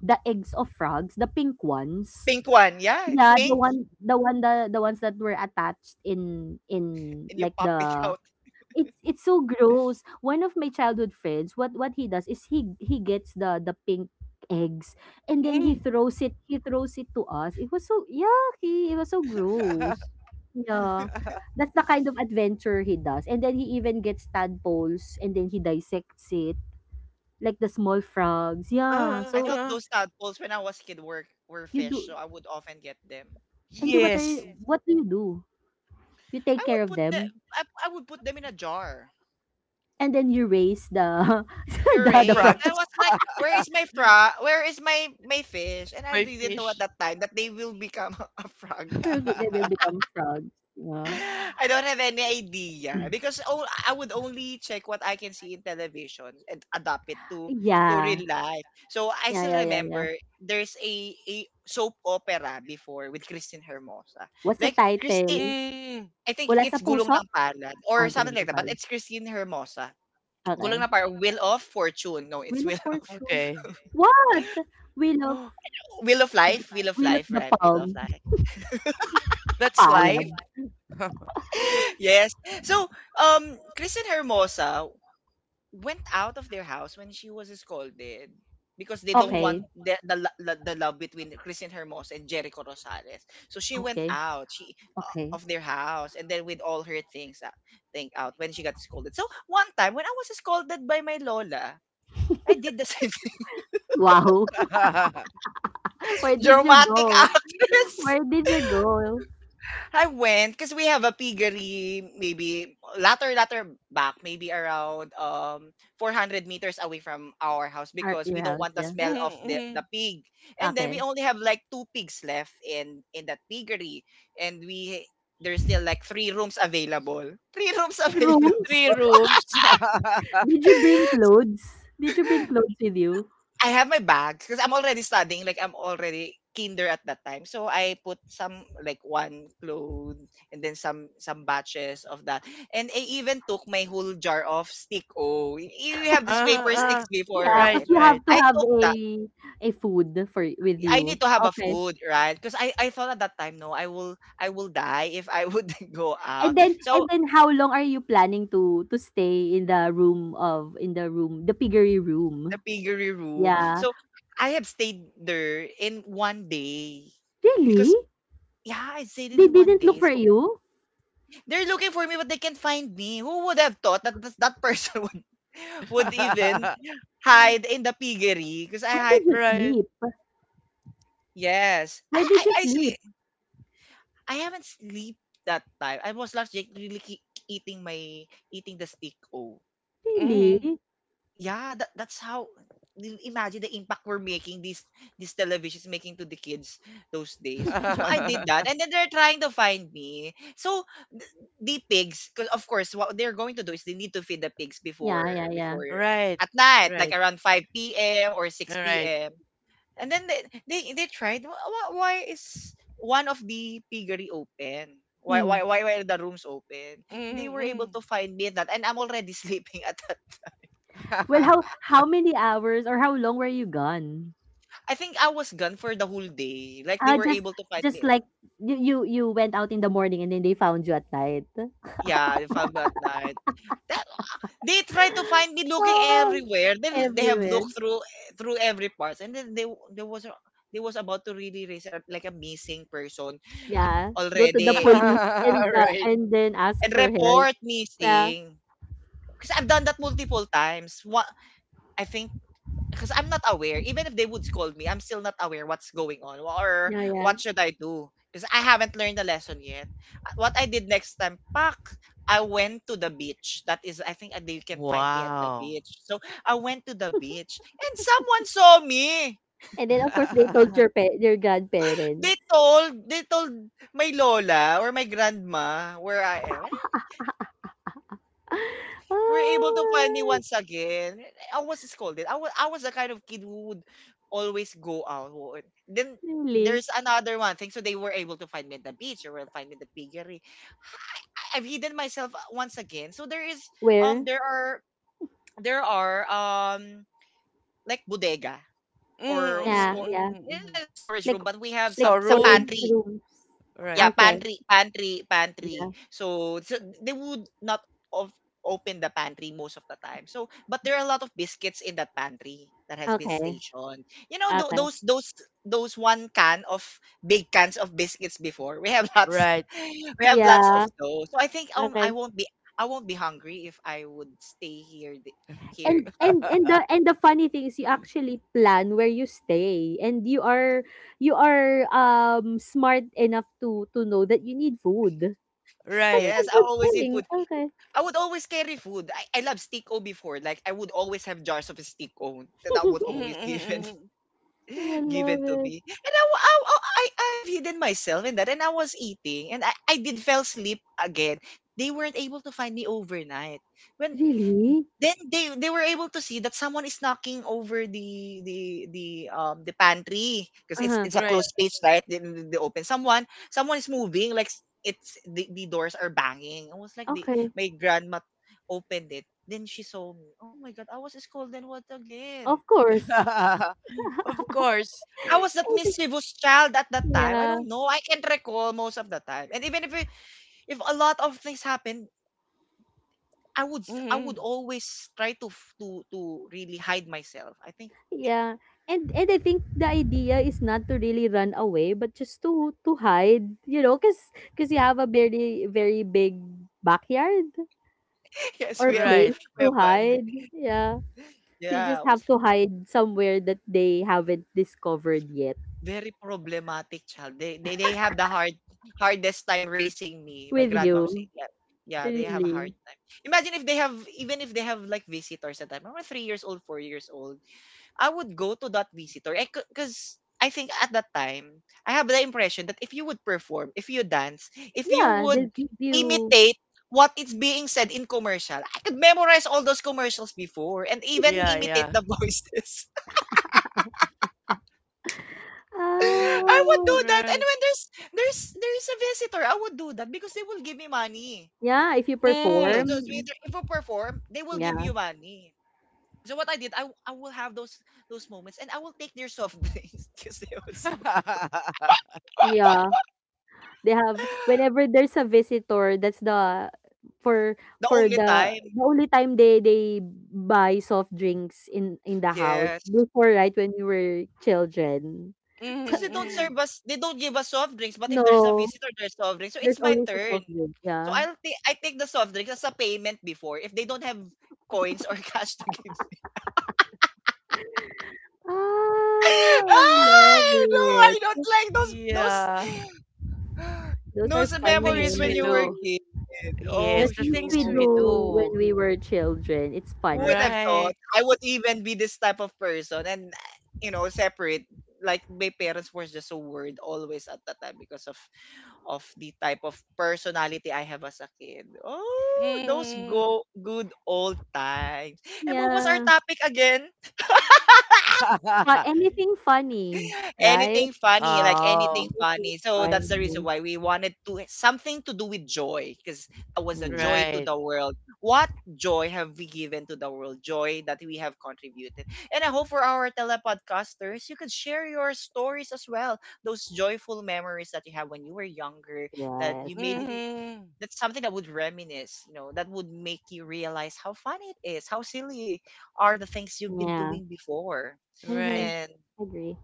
Speaker 2: the eggs of frogs, the pink ones
Speaker 1: Pink one. Yeah, it's
Speaker 2: yeah, the
Speaker 1: pink.
Speaker 2: one, the one, the the ones that were attached in in
Speaker 1: And you
Speaker 2: like
Speaker 1: pop it
Speaker 2: the
Speaker 1: out.
Speaker 2: it's it's so gross. One of my childhood friends, what what he does is he he gets the the pink eggs and then he
Speaker 3: mm.
Speaker 2: throws it he throws it to us. It was so yucky. It was so gross. Yeah. That's the kind of adventure he does. And then he even gets tadpoles and then he dissects it like the small frogs. Yeah.
Speaker 3: Uh,
Speaker 1: I
Speaker 2: So
Speaker 1: thought
Speaker 3: uh.
Speaker 1: those tadpoles when I was kid were were
Speaker 2: you
Speaker 1: fish, so
Speaker 2: do
Speaker 1: I would often get them.
Speaker 2: and then what are
Speaker 3: Yes.
Speaker 2: you, what do you do? You
Speaker 1: I
Speaker 2: take care
Speaker 1: would
Speaker 2: of
Speaker 1: put the
Speaker 2: them
Speaker 1: I, I would put them in a jar.
Speaker 2: and then you raise the
Speaker 3: The
Speaker 2: the, the
Speaker 3: frogs.
Speaker 1: Puree. I
Speaker 2: frogs.
Speaker 1: was like, where is my frog? Where is my my fish? And I
Speaker 3: My
Speaker 1: didn't know
Speaker 3: fish.
Speaker 1: at that time that they will become a frog.
Speaker 2: They will become frogs. Yeah.
Speaker 1: I don't have any idea because oh, I would only check what I can see in television and adapt it to to
Speaker 2: Yeah.
Speaker 1: real life. So I
Speaker 2: Yeah,
Speaker 1: still
Speaker 2: yeah, yeah, yeah.
Speaker 1: remember there's a, a soap opera before with Christine Hermosa.
Speaker 2: What's the
Speaker 1: Like Christi
Speaker 2: title?
Speaker 3: mm,
Speaker 1: I think
Speaker 2: Mula sa
Speaker 1: it's Gulong
Speaker 2: puso?
Speaker 1: ng Palad
Speaker 2: Ah,
Speaker 1: or something
Speaker 2: ganun
Speaker 1: like
Speaker 2: na
Speaker 1: that, but
Speaker 2: pala.
Speaker 1: it's Christine Hermosa. Gulong
Speaker 2: Okay.
Speaker 1: ng Palad, Wheel of Fortune. No, it's
Speaker 2: Wheel of
Speaker 1: Wheel of
Speaker 2: Fortune.
Speaker 3: okay,
Speaker 2: What? Wheel of
Speaker 1: Wheel of Life, Wheel of
Speaker 2: Wheel of
Speaker 1: Life,
Speaker 2: the
Speaker 1: right? Wheel of
Speaker 2: Palm.
Speaker 1: Life.
Speaker 3: that's
Speaker 2: Palad.
Speaker 3: life.
Speaker 1: Yes. So, um, Christine Hermosa went out of their house when she was scolded because they don't want
Speaker 3: Mhm.
Speaker 2: Okay.
Speaker 1: the the, lo- lo- the love between Christine Hermosa and Jericho Rosales. So she went
Speaker 2: Okay.
Speaker 1: out, she uh,
Speaker 2: Okay.
Speaker 1: of their house, and then with all her things, uh, thing out when she got scolded. So one time when I was scolded by my lola, I did the same thing.
Speaker 2: Wow. Where did you
Speaker 1: Dramatic
Speaker 2: go?
Speaker 1: actress.
Speaker 2: Where did you go?
Speaker 1: I went because we have a piggery maybe latter latter back maybe around um four hundred meters away from our house
Speaker 2: Our,
Speaker 1: because we
Speaker 2: your
Speaker 1: don't
Speaker 2: house,
Speaker 1: want the
Speaker 2: yeah.
Speaker 1: smell of
Speaker 3: Mhm,
Speaker 1: the, the
Speaker 3: mhm.
Speaker 1: pig and then we
Speaker 2: Okay.
Speaker 1: only have like two pigs left in in that piggery and we there's still like three rooms available three rooms available
Speaker 2: Rooms?
Speaker 3: Three rooms.
Speaker 2: Did you bring clothes? Did you bring clothes with you?
Speaker 1: I have my bags because I'm already studying, like I'm already kinder at that time. So I put some like one clothes and then some some batches of that. And I even took my whole jar of stick O. Y- You have this
Speaker 3: Ah,
Speaker 1: paper
Speaker 3: ah,
Speaker 1: sticks before,
Speaker 2: Yeah,
Speaker 3: right,
Speaker 2: because
Speaker 1: right?
Speaker 2: you
Speaker 3: right,
Speaker 2: have to
Speaker 1: I
Speaker 2: have
Speaker 1: took that.
Speaker 2: a a food for with
Speaker 1: I need
Speaker 2: you.
Speaker 1: to have a
Speaker 2: Okay.
Speaker 1: food, right? Because I, I thought at that time, no, I will I will die if I would go
Speaker 2: And
Speaker 1: out.
Speaker 2: then
Speaker 1: So
Speaker 2: and then how long are you planning to to stay in the room of in the room, the piggery
Speaker 1: the
Speaker 2: room?
Speaker 1: piggery room.
Speaker 2: Yeah.
Speaker 1: So I have stayed there in one day
Speaker 2: Really?
Speaker 1: because yeah, I stayed
Speaker 2: They
Speaker 1: in one
Speaker 2: didn't look
Speaker 1: day.
Speaker 2: for
Speaker 1: So
Speaker 2: you?
Speaker 1: They're looking for me, but they can't find me. Who would have thought that this, that person would, would even hide in the piggery? Because I
Speaker 2: Where
Speaker 1: hide.
Speaker 2: did you
Speaker 3: right.
Speaker 2: sleep?
Speaker 1: Yes, I
Speaker 2: Where did
Speaker 1: I
Speaker 2: you
Speaker 1: I,
Speaker 2: sleep?
Speaker 1: sleep. I haven't sleep that time. I was last really keep eating my eating the steak o.
Speaker 3: Mhm.
Speaker 2: Really?
Speaker 1: Yeah, that, that's how I- imagine the impact we're making these these televisions making to the kids those days. So I did that and then they're trying to find me, so th- the pigs because of course what they're going to do is they need to feed the pigs
Speaker 2: Yeah,
Speaker 1: before
Speaker 2: yeah, yeah.
Speaker 1: before
Speaker 3: Right,
Speaker 1: at night like
Speaker 3: right,
Speaker 1: around five p.m or six
Speaker 3: right.
Speaker 1: p.m, and then they they, they tried, "Wh- wh- why is one of the piggery open, why
Speaker 2: Hmm.
Speaker 1: why why why are the rooms open?" They were able
Speaker 3: Mm-hmm.
Speaker 1: to find me in that and I'm already sleeping at that.
Speaker 2: Well, how how many hours or how long were you gone?
Speaker 1: I think I was gone for the whole day. Like they
Speaker 2: Ah,
Speaker 1: were
Speaker 2: just
Speaker 1: able to find
Speaker 2: just
Speaker 1: me.
Speaker 2: like you you you went out in the morning and then they found you at night.
Speaker 1: Yeah, they found me at night. That, they try to find me looking
Speaker 2: Wow.
Speaker 1: everywhere. They they have
Speaker 2: Everywhere.
Speaker 1: looked through through every part, and then they there was a, they was about to really raise a- like a missing person
Speaker 2: Yeah. Go to the
Speaker 1: already in,
Speaker 2: police and the
Speaker 3: Right.
Speaker 2: and then ask
Speaker 1: and
Speaker 2: for help.
Speaker 1: report
Speaker 2: Yeah.
Speaker 1: missing. Because I've done that multiple times. What I think because I'm not aware. Even if they would scold me, I'm still not aware what's going on or
Speaker 2: Yeah, yeah.
Speaker 1: what should I do because I haven't learned the lesson yet. Uh, What I did next time, pak, I went to the beach. That is, I think uh, you can find me at the
Speaker 3: Wow.
Speaker 1: beach. So I went to the beach and someone saw me.
Speaker 2: And then of course they told your pa- your grandparents.
Speaker 1: They told, they told my lola or my grandma where I am. We were able to find me
Speaker 2: Ah,
Speaker 1: once again. I was scolded. I was I was the kind of kid who would always go out. Who would- Then
Speaker 2: really?
Speaker 1: there's another one thing. So they were able to find me at the beach or will find me at the piggery. I, I've hidden myself uh, once again. So there is um
Speaker 2: Where?
Speaker 1: there are there are um like bodega
Speaker 3: Mm,
Speaker 1: or
Speaker 2: Yeah,
Speaker 1: store.
Speaker 2: yeah.
Speaker 3: mm,
Speaker 1: It's
Speaker 3: mm.
Speaker 1: not a storage
Speaker 2: Like
Speaker 1: room, but we have
Speaker 2: like
Speaker 1: some some
Speaker 2: storage
Speaker 3: Storeroom?
Speaker 1: pantry.
Speaker 2: rooms.
Speaker 1: Yeah,
Speaker 3: Right.
Speaker 2: Okay.
Speaker 1: pantry, pantry, pantry.
Speaker 2: Yeah.
Speaker 1: So, so they would not of open the pantry most of the time. So, but there are a lot of biscuits in that pantry that has been
Speaker 2: Okay.
Speaker 1: stationed. You know, tho-
Speaker 2: Okay.
Speaker 1: those those those one can of big cans of biscuits before. We have lots.
Speaker 3: Right.
Speaker 1: We have lots of
Speaker 2: Yeah.
Speaker 1: those. So I think um I
Speaker 2: Okay.
Speaker 1: won't be I won't be hungry if I would stay here th- here.
Speaker 2: And and and the and the funny thing is you actually plan where you stay and you are you are um smart enough to to know that you need food. That's
Speaker 3: Right.
Speaker 2: a
Speaker 1: Yes, I
Speaker 2: good
Speaker 1: always need
Speaker 2: thing.
Speaker 1: food.
Speaker 2: Okay.
Speaker 1: I would always carry food. I, I love stick o before. Like I would always have jars of stick o. That was
Speaker 3: Mm-hmm,
Speaker 1: always
Speaker 3: mm-hmm,
Speaker 1: given.
Speaker 3: mm-hmm.
Speaker 2: I
Speaker 1: given
Speaker 2: love
Speaker 1: to
Speaker 2: it.
Speaker 1: me. And I, wa- I, wa- I, I have hidden myself in that. And I was eating and I, I did fell asleep again. They weren't able to find me overnight. When
Speaker 2: Really?
Speaker 1: then they, they were able to see that someone is knocking over the the the um the pantry because it's
Speaker 2: Uh-huh.
Speaker 1: it's a
Speaker 3: Right.
Speaker 1: closed space, right? They, they open, someone, someone is moving like s- it's the, the doors are banging. I was like the,
Speaker 2: Okay.
Speaker 1: my grandma opened it, then she saw me. Oh my god, I was scolded. What again?
Speaker 2: Of course.
Speaker 3: Of course.
Speaker 1: I was that mischievous child at that time. I
Speaker 2: Yeah.
Speaker 1: don't know. I can't recall most of the time. And even if it- if a lot of things happen, I would s- I would
Speaker 3: Hmm.
Speaker 1: always try to f- to to really hide myself. I think
Speaker 2: Yeah. And and I think the idea is not to really run away but just to to hide, you know, cuz cuz you have a very very big backyard
Speaker 1: yes, we
Speaker 2: or
Speaker 1: have,
Speaker 3: Right.
Speaker 2: place
Speaker 1: we have
Speaker 2: to
Speaker 1: one.
Speaker 2: hide. Yeah. So you
Speaker 1: Yeah, I
Speaker 2: just
Speaker 1: was
Speaker 2: have to
Speaker 1: like
Speaker 2: hide somewhere that they haven't discovered yet
Speaker 1: very problematic child. They they, they have the hard hardest time raising me. My
Speaker 2: with
Speaker 1: grandmom said
Speaker 2: you.
Speaker 1: that. Yeah, yeah, they have a hard
Speaker 2: Really.
Speaker 1: time. Imagine if they have, even if they have like visitors at that time. I was three years old, four years old. I would go to that visitor because I think at that time I have the impression that if you would perform, if you dance, if you
Speaker 2: Yeah,
Speaker 1: would
Speaker 2: they'll give you
Speaker 1: imitate what is being said in commercial. I could memorize all those commercials before and even
Speaker 3: Yeah,
Speaker 1: imitate
Speaker 3: yeah.
Speaker 1: the voices. I would do
Speaker 2: Oh.
Speaker 1: that, and
Speaker 3: Right.
Speaker 1: when there's there's there's a visitor, I would do that because they will give me money.
Speaker 2: Yeah, if you
Speaker 1: Those,
Speaker 3: Mm.
Speaker 1: those waiter,
Speaker 2: perform.
Speaker 1: if you perform, they will give
Speaker 2: Yeah.
Speaker 1: you money. So what I did, I, w- I will have those those moments, and I will take their soft drinks because they was
Speaker 2: Yeah. They have whenever there's a visitor, that's the for
Speaker 1: the
Speaker 2: for
Speaker 1: only
Speaker 2: the
Speaker 1: time.
Speaker 2: the only time they they buy soft drinks in in the house
Speaker 1: Yes.
Speaker 2: before right when we were children.
Speaker 1: Because they don't serve
Speaker 3: Mm-hmm.
Speaker 1: us, they don't give us soft drinks. But if there's a
Speaker 2: No,
Speaker 1: visitor, there's soft drinks. So it's
Speaker 2: there's
Speaker 1: my
Speaker 2: always a
Speaker 1: turn.
Speaker 2: soft drink.
Speaker 1: So
Speaker 2: Yeah.
Speaker 1: I'll take I take the soft drinks as a payment before if they don't have coins or cash to give me.
Speaker 2: Ah, I love
Speaker 1: Ah no, I
Speaker 2: it.
Speaker 1: don't like those those
Speaker 3: Yeah.
Speaker 2: Those are
Speaker 1: those
Speaker 3: The
Speaker 2: funny
Speaker 3: things
Speaker 1: memories when
Speaker 3: we
Speaker 1: you were a
Speaker 3: do.
Speaker 2: memories.
Speaker 1: kid.
Speaker 3: Yes,
Speaker 1: Oh
Speaker 2: The
Speaker 3: the
Speaker 2: things
Speaker 1: shoot.
Speaker 3: things
Speaker 2: we
Speaker 3: we
Speaker 2: do when
Speaker 3: do.
Speaker 2: we were children, it's
Speaker 1: Who
Speaker 2: funny.
Speaker 1: would have thought
Speaker 3: Right.
Speaker 1: I would even be this type of person and, you know, separate, like my parents were just so worried always at that time because of of the type of personality I have as a kid. Oh, those
Speaker 3: Mm.
Speaker 1: go good old times. And what was our
Speaker 2: Yeah.
Speaker 1: topic again?
Speaker 2: But anything funny, right?
Speaker 1: Anything funny, like anything
Speaker 3: Oh,
Speaker 2: Anything
Speaker 1: funny. So that's the reason
Speaker 2: funny.
Speaker 1: why we wanted to something to do with joy because that was a
Speaker 2: Yeah.
Speaker 1: joy to
Speaker 3: right.
Speaker 1: the world. What joy have we given to the world? Joy that we have contributed. And I hope for our telepodcasters, you could share your stories as well. Those joyful memories that you have when you were younger, that
Speaker 2: Yes.
Speaker 1: you made it,
Speaker 3: Mm-hmm.
Speaker 1: that's something that would reminisce, you know, that would make you realize how fun it is, how silly are the things you've been
Speaker 2: Yeah.
Speaker 1: doing before.
Speaker 2: Mm-hmm.
Speaker 3: Right.
Speaker 1: And
Speaker 2: Agree.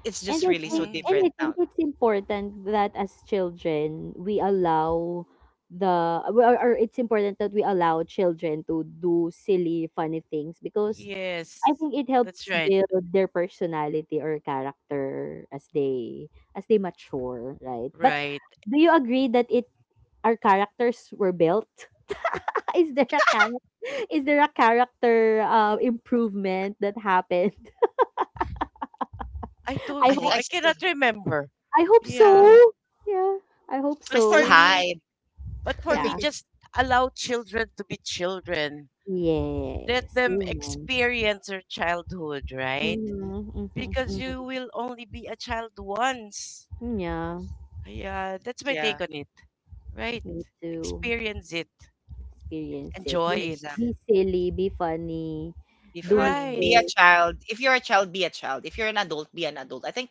Speaker 1: it's just
Speaker 2: And I
Speaker 1: really so
Speaker 2: think
Speaker 3: Mm-hmm.
Speaker 2: and
Speaker 1: different
Speaker 2: I
Speaker 1: now.
Speaker 2: think it's important that as children we allow the or or it's important that we allow children to do silly funny things because I
Speaker 3: Yes,
Speaker 2: think it
Speaker 3: that's
Speaker 2: helps
Speaker 3: right.
Speaker 2: build their personality or character as they as they mature, right? But
Speaker 3: Right.
Speaker 2: do you agree that it our characters were built? Is there a character is there a character uh, improvement that happened?
Speaker 3: I
Speaker 2: I
Speaker 3: don't
Speaker 1: I
Speaker 3: know.
Speaker 1: think
Speaker 2: hope
Speaker 1: I
Speaker 3: I
Speaker 1: still
Speaker 3: cannot
Speaker 1: hid.
Speaker 3: remember.
Speaker 2: I hope
Speaker 3: Yeah.
Speaker 2: so. Yeah, I hope
Speaker 3: But
Speaker 1: I
Speaker 3: for
Speaker 1: still
Speaker 2: so.
Speaker 3: me,
Speaker 1: hide.
Speaker 3: but for
Speaker 2: Yeah.
Speaker 3: me, just allow children to be children. Let
Speaker 2: Yes.
Speaker 3: them
Speaker 2: Amen.
Speaker 3: experience their childhood, right?
Speaker 2: Mm-hmm, mm-hmm,
Speaker 3: Because you
Speaker 2: mm-hmm.
Speaker 3: will only be a child once.
Speaker 2: Mm-hmm. Yeah,
Speaker 3: Yeah, that's my
Speaker 1: Yeah,
Speaker 3: take on it. Right.
Speaker 2: me too.
Speaker 3: Experience it.
Speaker 2: Experience it.
Speaker 3: Enjoy
Speaker 2: Be
Speaker 3: it.
Speaker 1: exactly.
Speaker 2: be silly, be funny,
Speaker 1: If
Speaker 2: do
Speaker 1: honey, be
Speaker 3: Right.
Speaker 1: a
Speaker 2: mistake.
Speaker 1: child. If you're a child, be a child. If you're an adult, be an adult. I think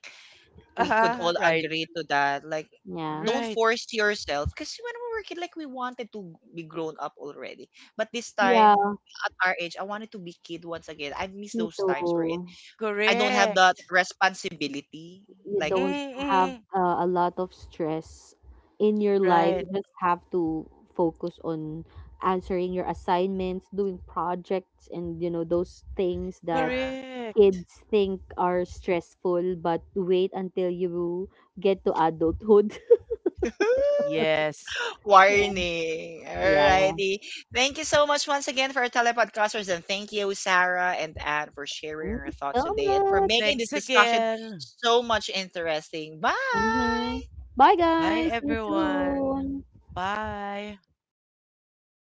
Speaker 1: we could
Speaker 3: Uh-huh.
Speaker 1: all
Speaker 3: Right.
Speaker 1: agree to that. Like,
Speaker 2: Yeah.
Speaker 1: don't
Speaker 3: Right.
Speaker 1: force yourself. Because when we were kid, like we wanted to be grown up already. But this time,
Speaker 2: Yeah,
Speaker 1: at our age, I wanted to be kid once again. I miss
Speaker 2: me
Speaker 1: those times where it,
Speaker 2: too.
Speaker 1: I don't have that
Speaker 3: Correct.
Speaker 1: responsibility.
Speaker 2: You
Speaker 1: Like,
Speaker 2: don't have
Speaker 3: Mm-mm.
Speaker 2: uh, a lot of stress in your life.
Speaker 3: Right.
Speaker 2: Just have to focus on answering your assignments, doing projects and you know those things that
Speaker 1: yeah.
Speaker 3: Correct.
Speaker 2: kids think are stressful but wait until you get to adulthood.
Speaker 3: Yes.
Speaker 2: Yeah.
Speaker 1: Warning.
Speaker 2: Yeah.
Speaker 1: Alrighty. Thank you so much once again for our telepodcasters. And thank you, Sarah and Anne, for sharing
Speaker 2: Thank
Speaker 1: your
Speaker 2: you
Speaker 1: thoughts
Speaker 2: so
Speaker 1: today and for
Speaker 2: much.
Speaker 1: making this
Speaker 3: Thanks
Speaker 1: discussion
Speaker 3: again.
Speaker 1: so much interesting. Bye.
Speaker 2: Mhm. Bye,
Speaker 3: Bye,
Speaker 2: guys. See you
Speaker 3: everyone.
Speaker 2: soon.
Speaker 3: Bye.